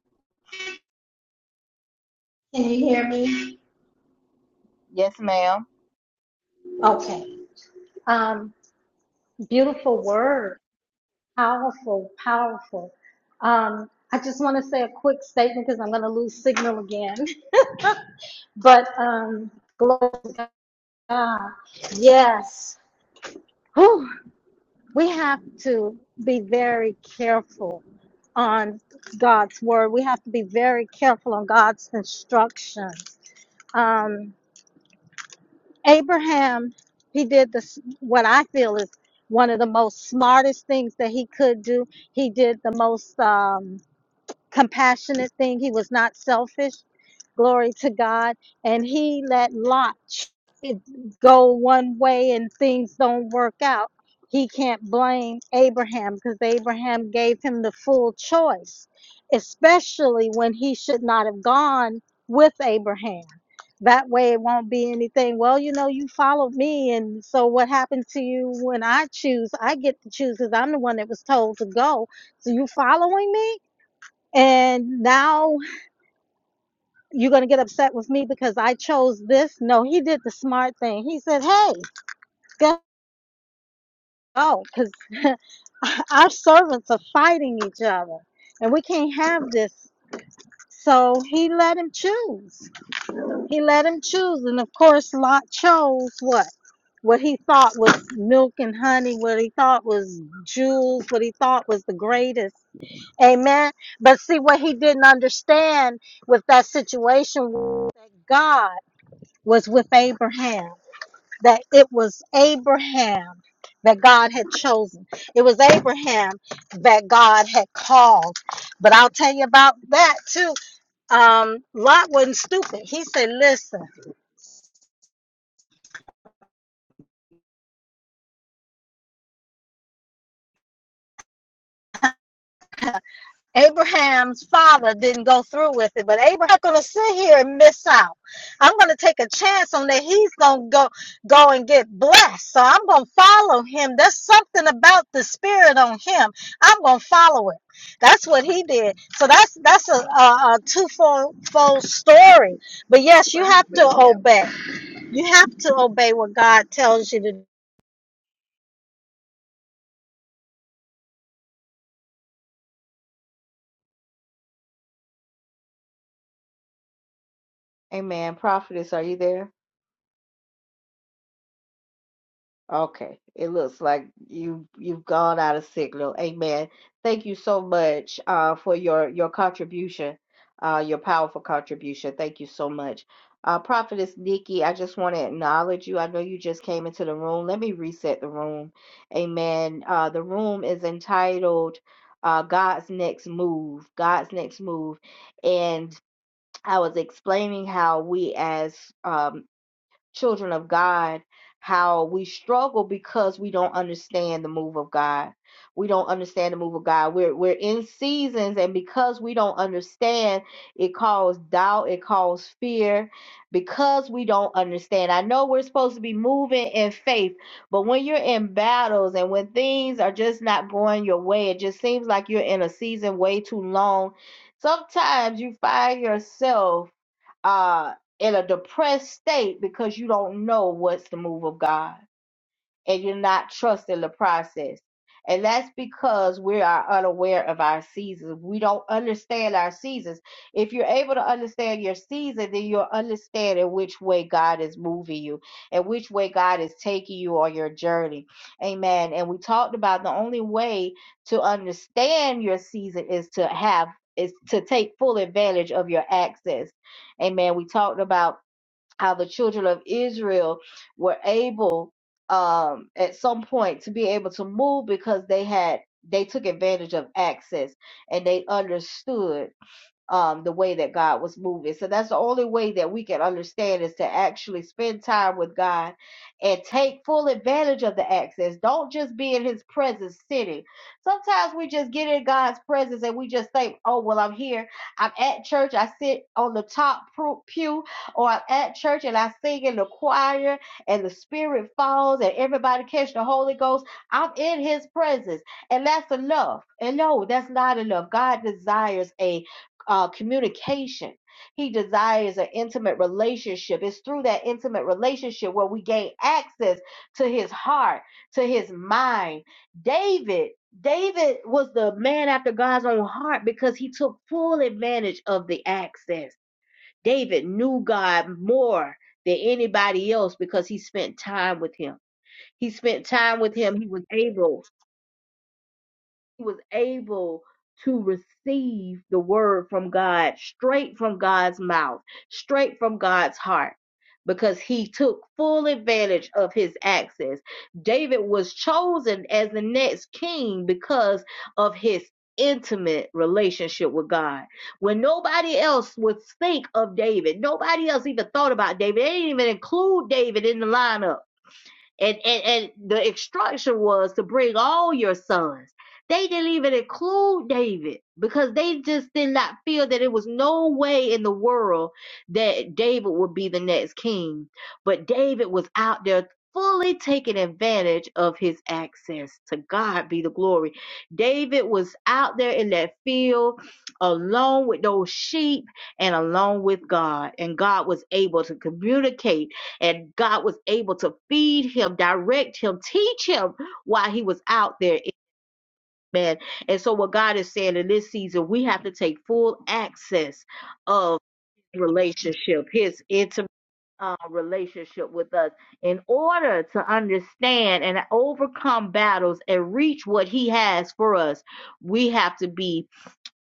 Speaker 5: Can you hear me?
Speaker 2: Yes, ma'am.
Speaker 5: Okay. Um, beautiful word. Powerful, powerful. Um, I just want to say a quick statement because I'm going to lose signal again. But um, glory to God. Yes. Whew. We have to be very careful on God's word. We have to be very careful on God's instructions. Um. Abraham, he did the what I feel is one of the most smartest things that he could do. He did the most. Um, compassionate thing. He was not selfish. Glory to God. And he let Lot it go one way and things don't work out. He can't blame Abraham because Abraham gave him the full choice, especially when he should not have gone with Abraham. That way it won't be anything. Well, you know, you followed me. And so what happened to you when I choose? I get to choose because I'm the one that was told to go. So you following me? and now you're going to get upset with me because I chose this. No, he did the smart thing. He said, hey, go, oh, because our servants are fighting each other and we can't have this. So he let him choose. He let him choose. And of course, Lot chose what? What he thought was milk and honey, what he thought was jewels, what he thought was the greatest. Amen. But see, what he didn't understand with that situation with God. was with Abraham, that it was Abraham that God had chosen. It was Abraham that God had called. But I'll tell you about that too. Um, Lot wasn't stupid. He said, Listen. Abraham's father didn't go through with it, but Abraham's not gonna sit here and miss out. I'm gonna take a chance on that he's gonna go go and get blessed. So I'm gonna follow him. There's something about the spirit on him. I'm gonna follow it. That's what he did. So that's that's a, a, a twofold fold story. But yes, you have to obey. You have to obey what God tells you to do.
Speaker 2: Amen. Prophetess, are you there? Okay. It looks like you you've gone out of signal. Amen. Thank you so much uh for your your contribution, uh your powerful contribution. Thank you so much. Uh Prophetess Nikki, I just want to acknowledge you. I know you just came into the room. Let me reset the room. Amen. Uh the room is entitled uh God's Next Move. God's Next Move. And I was explaining how we as um children of God, how we struggle because we don't understand the move of God. We don't understand the move of God. We're we're in seasons, and because we don't understand, it causes doubt, it causes fear, because we don't understand. I know we're supposed to be moving in faith, but when you're in battles and when things are just not going your way, it just seems like you're in a season way too long. Sometimes you find yourself uh, in a depressed state because you don't know what's the move of God and you're not trusting the process. And that's because we are unaware of our seasons. We don't understand our seasons. If you're able to understand your season, then you'll understand in which way God is moving you and which way God is taking you on your journey. Amen. And we talked about the only way to understand your season is to have is to take full advantage of your access. Amen. We talked about how the children of Israel were able um, at some point to be able to move because they had they took advantage of access and they understood um, the way that God was moving. So that's the only way that we can understand is to actually spend time with God and take full advantage of the access. Don't just be in His presence sitting. Sometimes we just get in God's presence and we just think, oh, well, I'm here. I'm at church. I sit on the top pew, pew," or I'm at church and I sing in the choir and the Spirit falls and everybody catch the Holy Ghost. I'm in His presence. And that's enough. And no, that's not enough. God desires a uh, communication. He desires an intimate relationship. It's through that intimate relationship where we gain access to his heart, to his mind. David, David was the man after God's own heart because he took full advantage of the access. David knew God more than anybody else because he spent time with him. He spent time with him. He was able he was able to receive the word from God straight from God's mouth, straight from God's heart, because he took full advantage of his access. David was chosen as the next king because of his intimate relationship with God. When nobody else would think of David, nobody else even thought about David, they didn't even include David in the lineup and, and and the instruction was to bring all your sons. They didn't even include David because they just did not feel that it was no way in the world that David would be the next king. But David was out there fully taking advantage of his access to God be the glory. David was out there in that field alone with those sheep and alone with God and God was able to communicate and God was able to feed him, direct him, teach him while he was out there. Amen. And so, what God is saying in this season, we have to take full access of relationship, his intimate uh, relationship with us, in order to understand and overcome battles and reach what he has for us. We have to be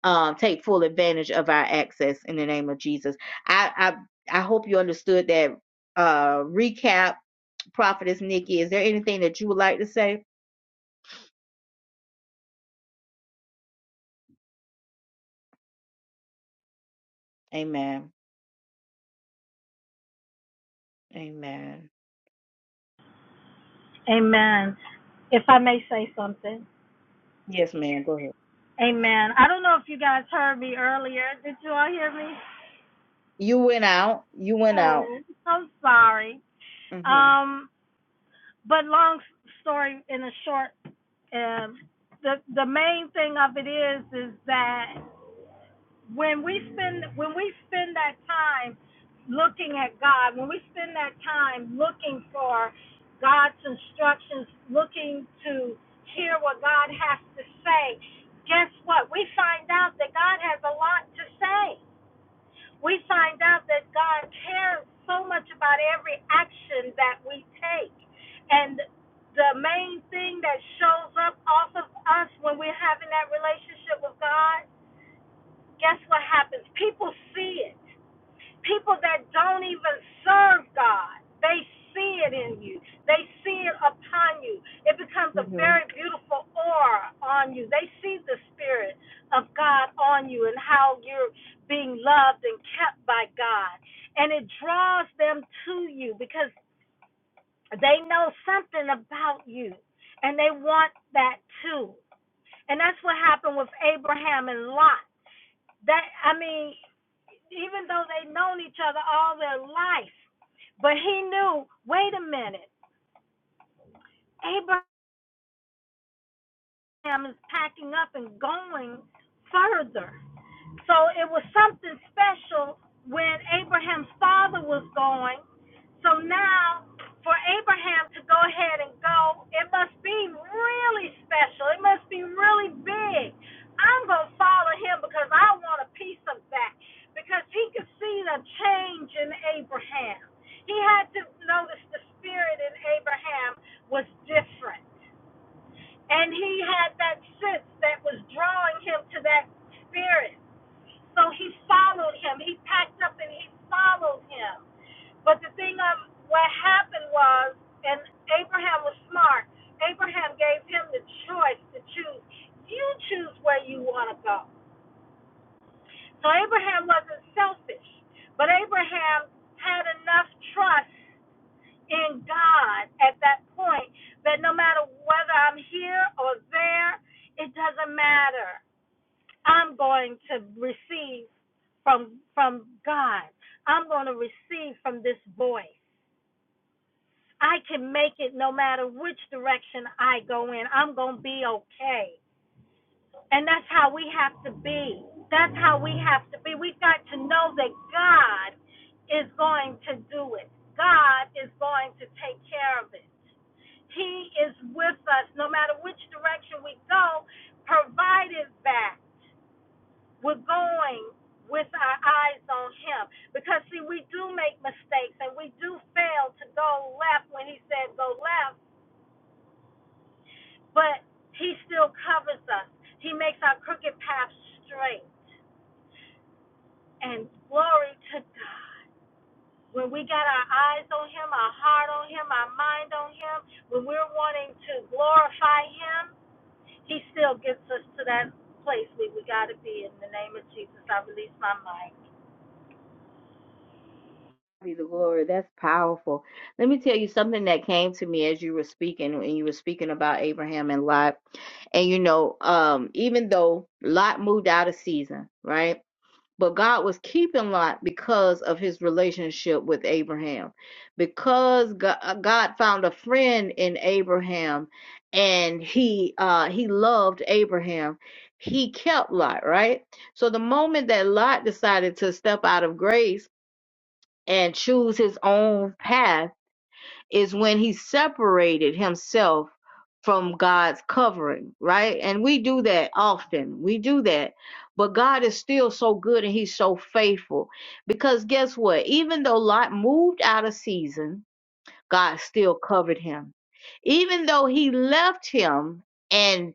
Speaker 2: um, take full advantage of our access in the name of Jesus. I I, I hope you understood that uh, recap Prophetess Nikki, is there anything that you would like to say? Amen. Amen. Yes, ma'am. Go ahead. You went out. You went out. hmm hmm Be the glory. That's powerful. Let me tell you something that came to me as you were speaking, and you were speaking about Abraham and Lot. And you know, um, even though Lot moved out of season, right? But God was keeping Lot because of his relationship with Abraham. Because Go- uh, God found a friend in Abraham and he uh he loved Abraham, he kept Lot, right? So the moment that Lot decided to step out of grace and choose his own path, is when he separated himself from God's covering, right? And we do that often. We do that. But God is still so good and he's so faithful. Because guess what? Even though Lot moved out of season, God still covered him. Even though he left him and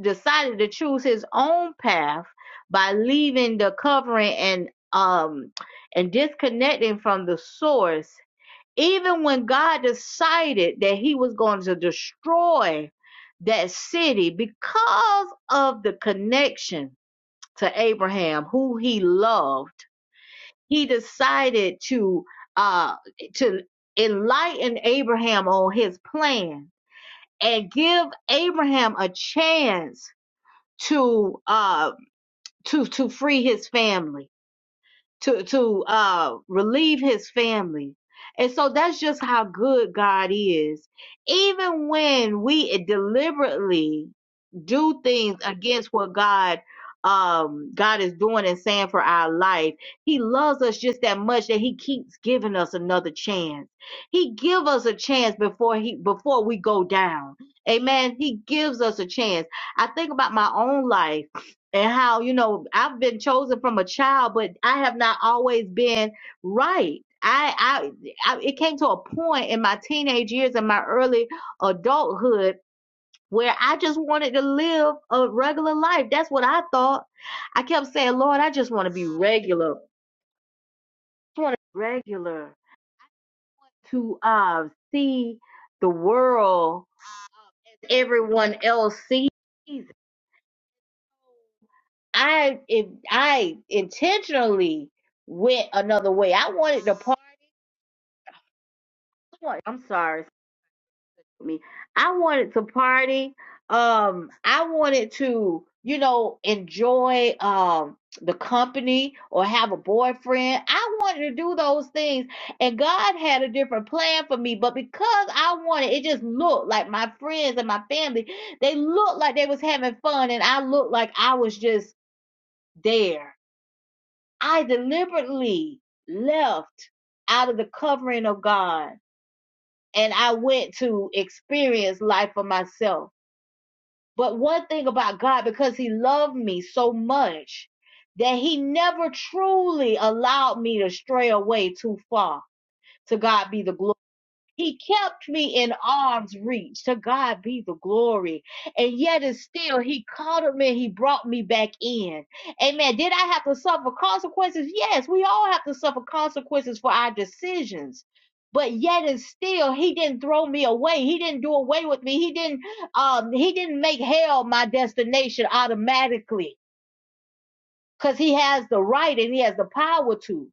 Speaker 2: decided to choose his own path by leaving the covering and um and disconnecting from the source even when God decided that he was going to destroy that city because of the connection to Abraham, who he loved, he decided to uh to enlighten Abraham on his plan and give Abraham a chance to uh to to free his family to to uh relieve his family and so that's just how good god is even when we deliberately do things against what god um god is doing and saying for our life he loves us just that much that he keeps giving us another chance he give us a chance before he before we go down amen he gives us a chance i think about my own life and how you know I've been chosen from a child, but I have not always been right. I, I, I it came to a point in my teenage years and my early adulthood where I just wanted to live a regular life. That's what I thought. I kept saying, Lord, I just want to be regular. I just want to be regular to uh see the world everyone else sees. I it, I intentionally went another way. I wanted to party. I'm sorry, excuse me. I wanted to party. Um, I wanted to, you know, enjoy um the company or have a boyfriend. I wanted to do those things, and God had a different plan for me. But because I wanted, it just looked like my friends and my family. They looked like they was having fun, and I looked like I was just there I deliberately left out of the covering of God and I went to experience life for myself. But one thing about God, because He loved me so much that He never truly allowed me to stray away too far. To God be the glory. He kept me in arm's reach. To God be the glory. And yet and still he called me and he brought me back in. Amen. Did I have to suffer consequences? Yes, we all have to suffer consequences for our decisions. But yet and still he didn't throw me away. He didn't do away with me. He didn't um he didn't make hell my destination automatically. Because he has the right and he has the power to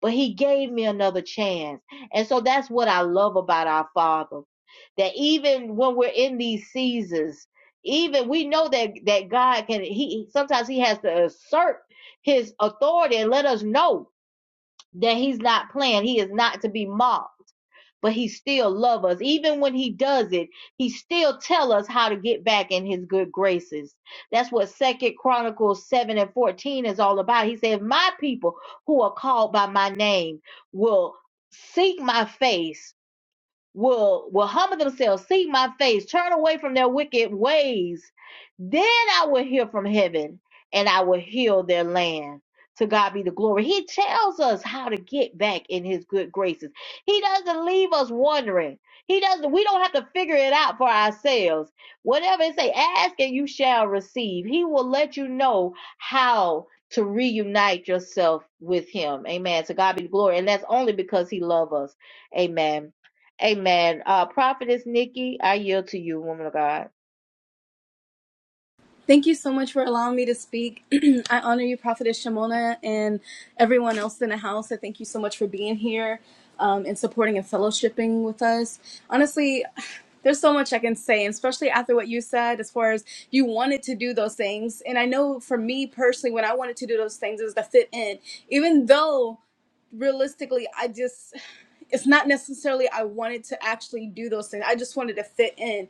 Speaker 2: but he gave me another chance. And so that's what I love about our Father. That even when we're in these seasons, even we know that that God can he sometimes he has to assert his authority and let us know that he's not playing. He is not to be mocked but he still loves us. Even when he does it, he still tell us how to get back in his good graces. That's what Second Chronicles 7 and 14 is all about. He said, "If my people who are called by my name will seek my face will will humble themselves, seek my face, turn away from their wicked ways, then I will hear from heaven and I will heal their land. To God be the glory. He tells us how to get back in his good graces. He doesn't leave us wondering. He doesn't, we don't have to figure it out for ourselves. Whatever it say, ask and you shall receive. He will let you know how to reunite yourself with him. Amen. To God be the glory. And that's only because he loves us. Amen. Amen. Uh, Prophetess Nikki, I yield to you, woman of God.
Speaker 9: Thank you so much for allowing me to speak. I honor you, Prophetess Shimona, and everyone else in the house. I thank you so much for being here um, and supporting and fellowshipping with us. Honestly, there's so much I can say, and especially after what you said, as far as you wanted to do those things. And I know for me personally, when I wanted to do those things, it was to fit in, even though realistically, I just it's not necessarily I wanted to actually do those things. I just wanted to fit in.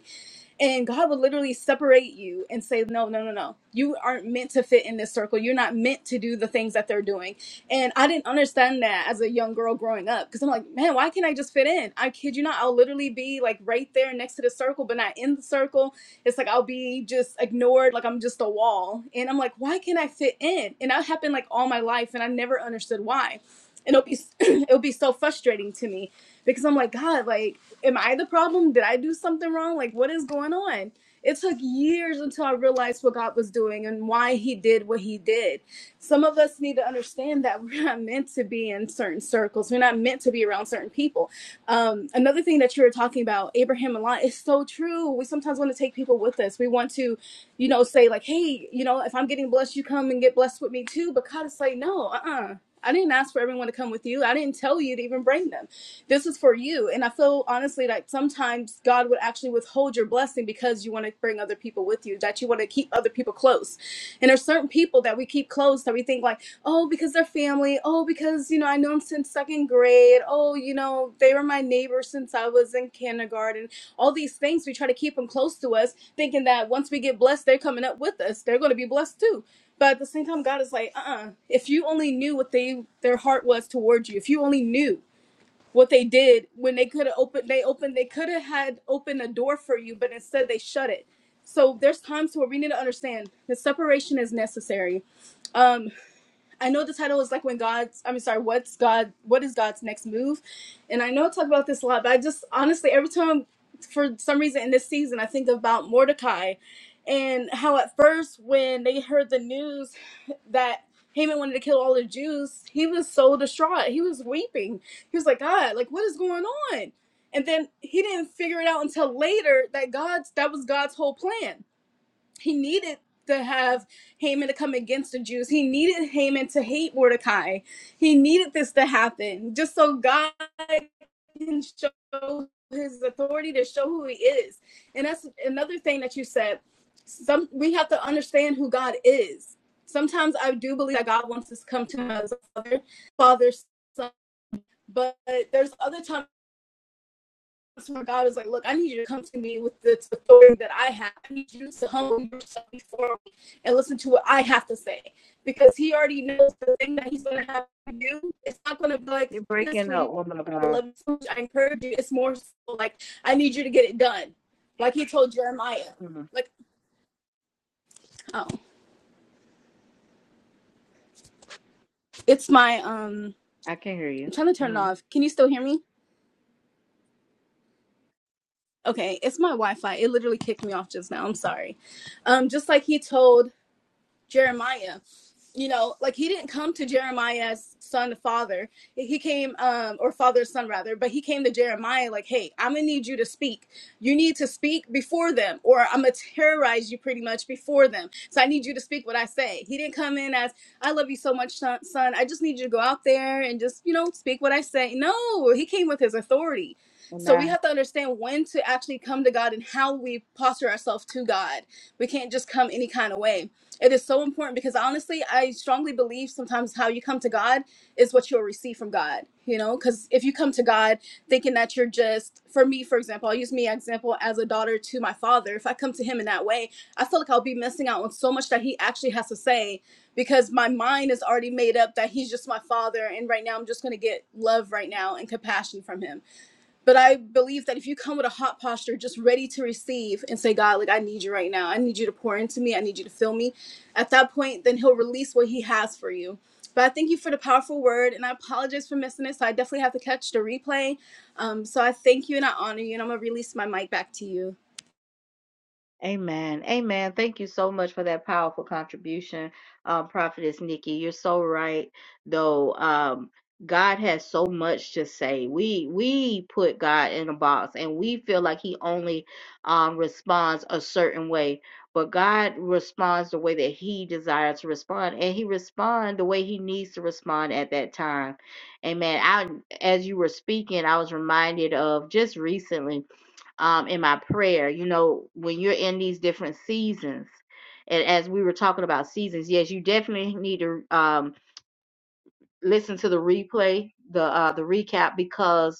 Speaker 9: And God will literally separate you and say, No, no, no, no. You aren't meant to fit in this circle. You're not meant to do the things that they're doing. And I didn't understand that as a young girl growing up because I'm like, Man, why can't I just fit in? I kid you not. I'll literally be like right there next to the circle, but not in the circle. It's like I'll be just ignored, like I'm just a wall. And I'm like, Why can't I fit in? And that happened like all my life. And I never understood why and it'll be it'll be so frustrating to me because I'm like, God, like, am I the problem? Did I do something wrong? Like, what is going on? It took years until I realized what God was doing and why He did what He did. Some of us need to understand that we're not meant to be in certain circles. We're not meant to be around certain people. Um, another thing that you were talking about, Abraham and Lot, is so true. We sometimes want to take people with us. We want to you know, say like, hey, you know, if I'm getting blessed, you come and get blessed with me too. But God is like, no, uh uh I didn't ask for everyone to come with you. I didn't tell you to even bring them. This is for you. And I feel honestly like sometimes God would actually withhold your blessing because you want to bring other people with you, that you want to keep other people close. And there's certain people that we keep close that we think like, oh, because they're family. Oh, because, you know, I know them since second grade. Oh, you know, they were my neighbors since I was in kindergarten. All these things, we try to keep them close to us, thinking that once we get blessed, they're coming up with us. They're going to be blessed too. But at the same time, God is like, uh uh if you only knew what they their heart was towards you, if you only knew what they did when they could have opened, they opened, they could have had opened a door for you, but instead they shut it. So there's times where we need to understand that separation is necessary Um, I know the title is like when God's I'm sorry, what's God what is God's next move? And I know I talk about this a lot, but I just honestly every time for some reason in this season I think about Mordecai and how at first when they heard the news that Haman wanted to kill all the Jews, he was so distraught. He was weeping. He was like, God, like what is going on? And then he didn't figure it out until later that God's that was God's whole plan he needed to have Haman to come against the Jews. He needed Haman to hate Mordecai. He needed this to happen just so God can show his authority to show who he is. And that's another thing that you said. Some we have to understand who God is. Sometimes I do believe that God wants us to come to him as a father, father, son, but there's other times so my God was like, look, I need you to come to me with the authority that I have. I need you to humble yourself before me and listen to what I have to say. Because he already knows the thing that he's gonna have to do. It's not gonna be
Speaker 2: You're
Speaker 9: like, yes,
Speaker 2: breaking up,
Speaker 9: sweetie,
Speaker 2: woman of
Speaker 9: I
Speaker 2: God.
Speaker 9: love you so much. I encourage you. It's more so like I need you to get it done. Like he told Jeremiah.
Speaker 2: Mhm.
Speaker 9: Like, oh. It's my um
Speaker 2: I can hear
Speaker 9: I'm
Speaker 2: you.
Speaker 9: trying to turn it
Speaker 2: hmm
Speaker 9: off. Can you still hear me? Okay, it's my Wi-Fi. It literally kicked me off just now. I'm sorry. Um, just like he told Jeremiah. You know, like he didn't come to Jeremiah as son to father. He came, um, or father son rather, but he came to Jeremiah like, hey, I'm gonna need you to speak. You need to speak before them, or I'm gonna terrorize you pretty much before them. So I need you to speak what I say. He didn't come in as, I love you so much, son. son. I just need you to go out there and just, you know, speak what I say. No, he came with his authority. So we have to understand when to actually come to God and how we posture ourselves to God. We can't just come any kind of way it is so important because honestly, I strongly believe sometimes how you come to God is what you'll receive from God, you know? Because if you come to God thinking that you're just, for me, for example, I'll use me as example as a daughter to my father. If I come to him in that way, I feel like I'll be missing out on so much that he actually has to say because my mind is already made up that he's just my father. And right now, I'm just going to get love right now and compassion from him but I believe that if you come with a hot posture, just ready to receive and say, God, like, I need you right now. I need you to pour into me. I need you to fill me. At that point, then He'll release what He has for you. But I thank you for the powerful word, and I apologize for missing it. So I definitely have to catch the replay. Um, so I thank you and I honor you, and I'm going to release my mic back to you.
Speaker 2: Amen. Amen. Thank you so much for that powerful contribution, uh, Prophetess Nikki. You're so right, though. Um, God has so much to say. We we put God in a box, and we feel like He only um, responds a certain way. But God responds the way that He desires to respond, and He responds the way He needs to respond at that time. Amen. I, as you were speaking, I was reminded of just recently um, in my prayer. You know, when you're in these different seasons, and as we were talking about seasons, yes, you definitely need to um, listen to the replay, the uh, the recap, because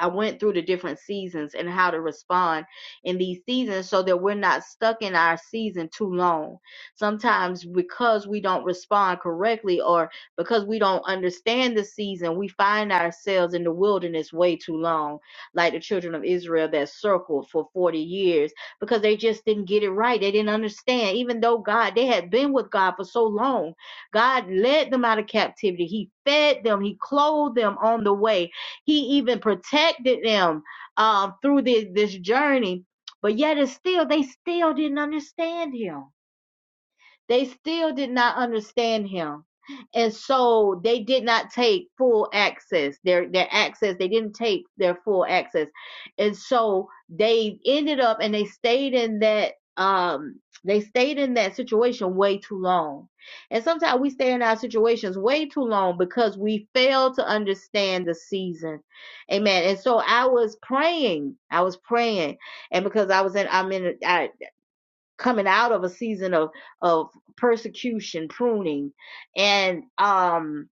Speaker 2: I went through the different seasons and how to respond in these seasons so that we're not stuck in our season too long. Sometimes because we don't respond correctly or because we don't understand the season, we find ourselves in the wilderness way too long, like the children of Israel that circled for 40 years because they just didn't get it right. They didn't understand, even though God, they had been with God for so long. God led them out of captivity, He fed them, He clothed them on the way he even protected them um, through the, this journey. But yet, it's still, they still didn't understand him. They still did not understand him. And so they did not take full access. Their their access, they didn't take their full access. And so they ended up and they stayed in that um they stayed in that situation way too long. And sometimes we stay in our situations way too long because we fail to understand the season. Amen. And so I was praying. I was praying. And because I was in I'm in I coming out of a season of of persecution, pruning, and um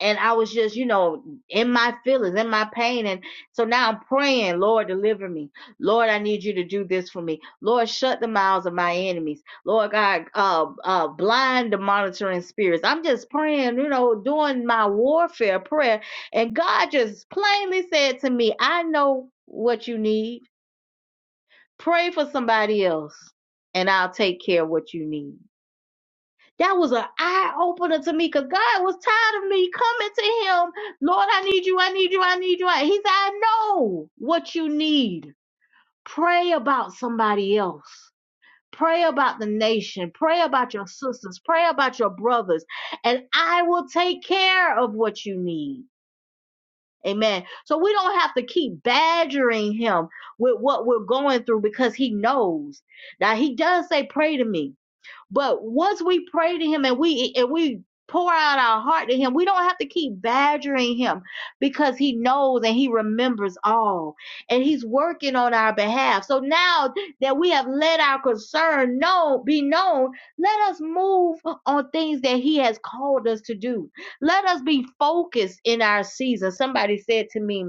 Speaker 2: and I was just you know in my feelings, in my pain, and so now I'm praying, Lord, deliver me, Lord, I need you to do this for me, Lord, shut the mouths of my enemies, Lord God, uh, uh, blind the monitoring spirits. I'm just praying, you know, doing my warfare prayer, and God just plainly said to me, I know what you need Pray for somebody else, and I'll take care of what you need. That was an eye opener to me because God was tired of me coming to Him. Lord, I need you. I need you. I need you. I-" He said, I know what you need. Pray about somebody else. Pray about the nation. Pray about your sisters. Pray about your brothers. And I will take care of what you need. Amen. So we don't have to keep badgering him with what we're going through because he knows. Now he does say, pray to me. But once we pray to him and we and we pour out our heart to him, we don't have to keep badgering him because he knows and he remembers all. And he's working on our behalf. So now that we have let our concern known be known, let us move on things that he has called us to do. Let us be focused in our season. Somebody said to me,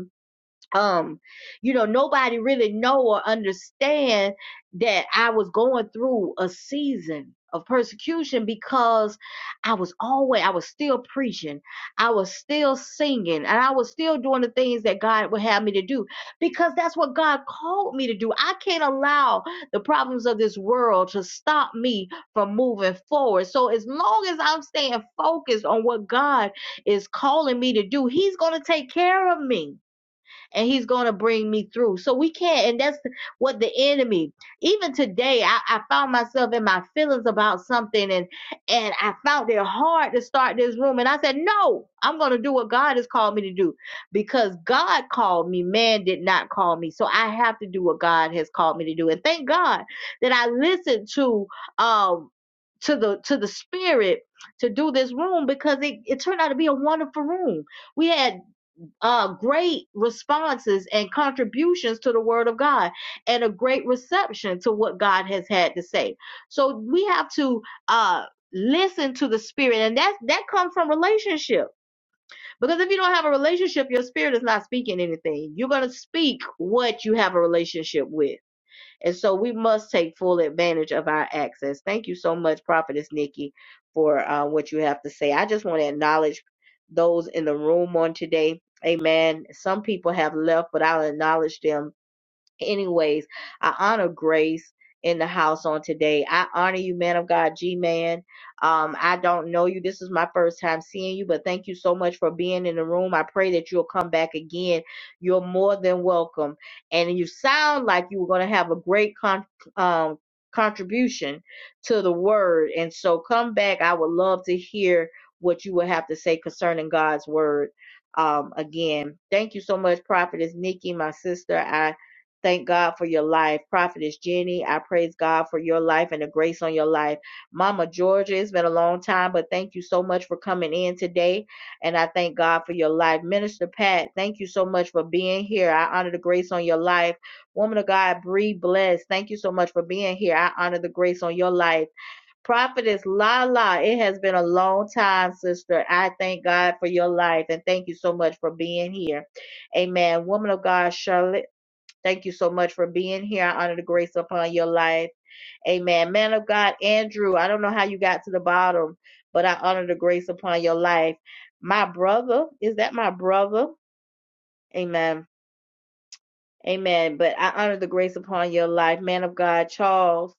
Speaker 2: um you know nobody really know or understand that i was going through a season of persecution because i was always i was still preaching i was still singing and i was still doing the things that god would have me to do because that's what god called me to do i can't allow the problems of this world to stop me from moving forward so as long as i'm staying focused on what god is calling me to do he's going to take care of me and he's going to bring me through. So we can't, and that's what the enemy, even today, I, I found myself in my feelings about something and, and I found it hard to start this room. And I said, no, I'm going to do what God has called me to do because God called me. Man did not call me. So I have to do what God has called me to do. And thank God that I listened to, um, to the to the spirit to do this room because it, it turned out to be a wonderful room. We had uh, great responses and contributions to the word of God and a great reception to what God has had to say. So we have to uh, listen to the spirit, and that that comes from relationship. Because if you don't have a relationship, your spirit is not speaking anything. You're gonna speak what you have a relationship with. And so we must take full advantage of our access. Thank you so much, Prophetess Nikki, for uh, what you have to say. I just want to acknowledge those in the room on today. Amen. Some people have left, but I'll acknowledge them anyways, I honor Grace in the house on today. I honor you, man of God, G Man. Um, I don't know you. This is my first time seeing you, but thank you so much for being in the room. I pray that you'll come back again. You're more than welcome. And you sound like you were going to have a great con- um, contribution to the word. And so come back. I would love to hear what you would have to say concerning God's word um, again. Thank you so much, Prophetess Nikki, my sister. I Thank God for your life. Prophetess Jenny, I praise God for your life and the grace on your life. Mama Georgia, it's been a long time, but thank you so much for coming in today. And I thank God for your life. Minister Pat, thank you so much for being here. I honor the grace on your life. Woman of God, Bree Bless, thank you so much for being here. I honor the grace on your life. Prophetess Lala, it has been a long time, sister. I thank God for your life and thank you so much for being here. Amen. Woman of God, Charlotte. Thank you so much for being here. I honor the grace upon your life. Amen. Man of God, Andrew, I don't know how you got to the bottom, but I honor the grace upon your life. My brother, is that my brother? Amen. Amen. But I honor the grace upon your life. Man of God, Charles,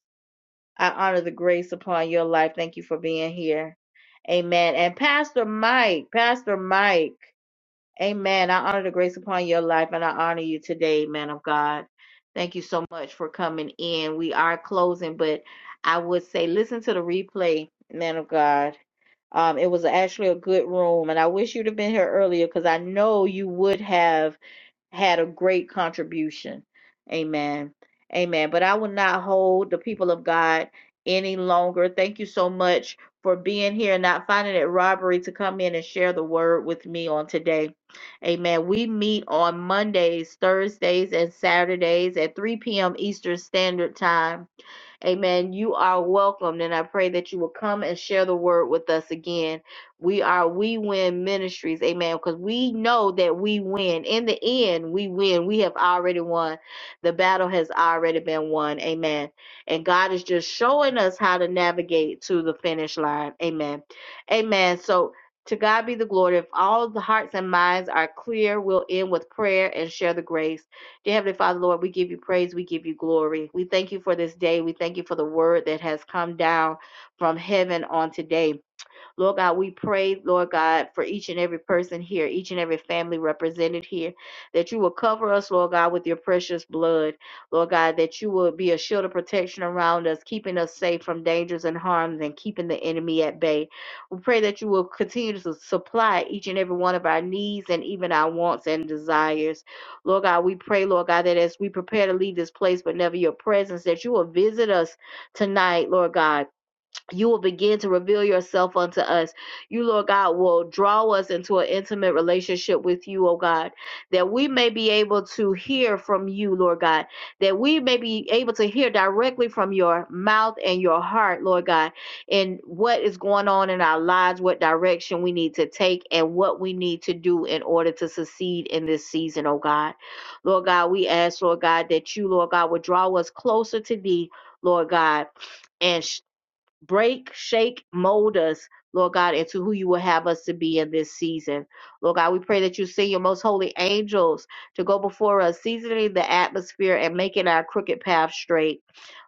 Speaker 2: I honor the grace upon your life. Thank you for being here. Amen. And Pastor Mike, Pastor Mike. Amen. I honor the grace upon your life and I honor you today, man of God. Thank you so much for coming in. We are closing, but I would say listen to the replay, man of God. Um, it was actually a good room, and I wish you'd have been here earlier because I know you would have had a great contribution. Amen. Amen. But I will not hold the people of God any longer. Thank you so much for being here and not finding it robbery to come in and share the word with me on today. Amen. We meet on Mondays, Thursdays, and Saturdays at 3 p.m. Eastern Standard Time. Amen. You are welcomed, and I pray that you will come and share the word with us again. We are We Win Ministries, amen, because we know that we win. In the end, we win. We have already won. The battle has already been won, amen. And God is just showing us how to navigate to the finish line, amen. Amen. So, to God be the glory. If all the hearts and minds are clear, we'll end with prayer and share the grace. Dear Heavenly Father, Lord, we give you praise. We give you glory. We thank you for this day. We thank you for the word that has come down from heaven on today. Lord God, we pray, Lord God, for each and every person here, each and every family represented here, that you will cover us, Lord God, with your precious blood. Lord God, that you will be a shield of protection around us, keeping us safe from dangers and harms and keeping the enemy at bay. We pray that you will continue to supply each and every one of our needs and even our wants and desires. Lord God, we pray, Lord God, that as we prepare to leave this place, but never your presence, that you will visit us tonight, Lord God you will begin to reveal yourself unto us. You, Lord God, will draw us into an intimate relationship with you, oh God, that we may be able to hear from you, Lord God, that we may be able to hear directly from your mouth and your heart, Lord God, and what is going on in our lives, what direction we need to take, and what we need to do in order to succeed in this season, oh God. Lord God, we ask, Lord God, that you, Lord God, would draw us closer to thee, Lord God and sh- break, shake, mold us, Lord God, into who you will have us to be in this season. Lord God, we pray that you send your most holy angels to go before us, seasoning the atmosphere and making our crooked path straight.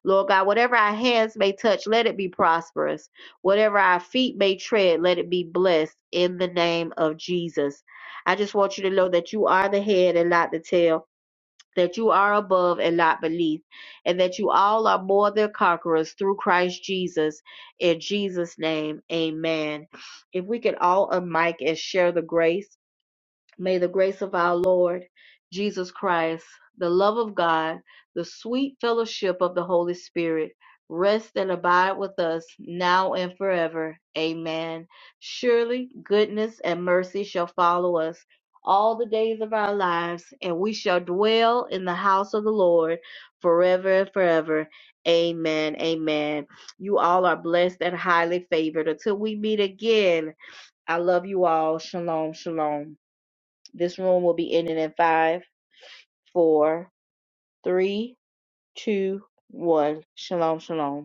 Speaker 2: Lord God, whatever our hands may touch, let it be prosperous. Whatever our feet may tread, let it be blessed in the name of Jesus. I just want you to know that you are the head and not the tail that you are above and not beneath, and that you all are more than conquerors through Christ Jesus. In Jesus' name, amen. If we could all unmic and share the grace. May the grace of our Lord Jesus Christ, the love of God, the sweet fellowship of the Holy Spirit rest and abide with us now and forever. Amen. Surely goodness and mercy shall follow us all the days of our lives, and we shall dwell in the house of the Lord forever and forever. Amen. Amen. You all are blessed and highly favored. Until we meet again, I love you all. Shalom. Shalom. This room will be ending in five, four, three, two, one. Shalom, shalom.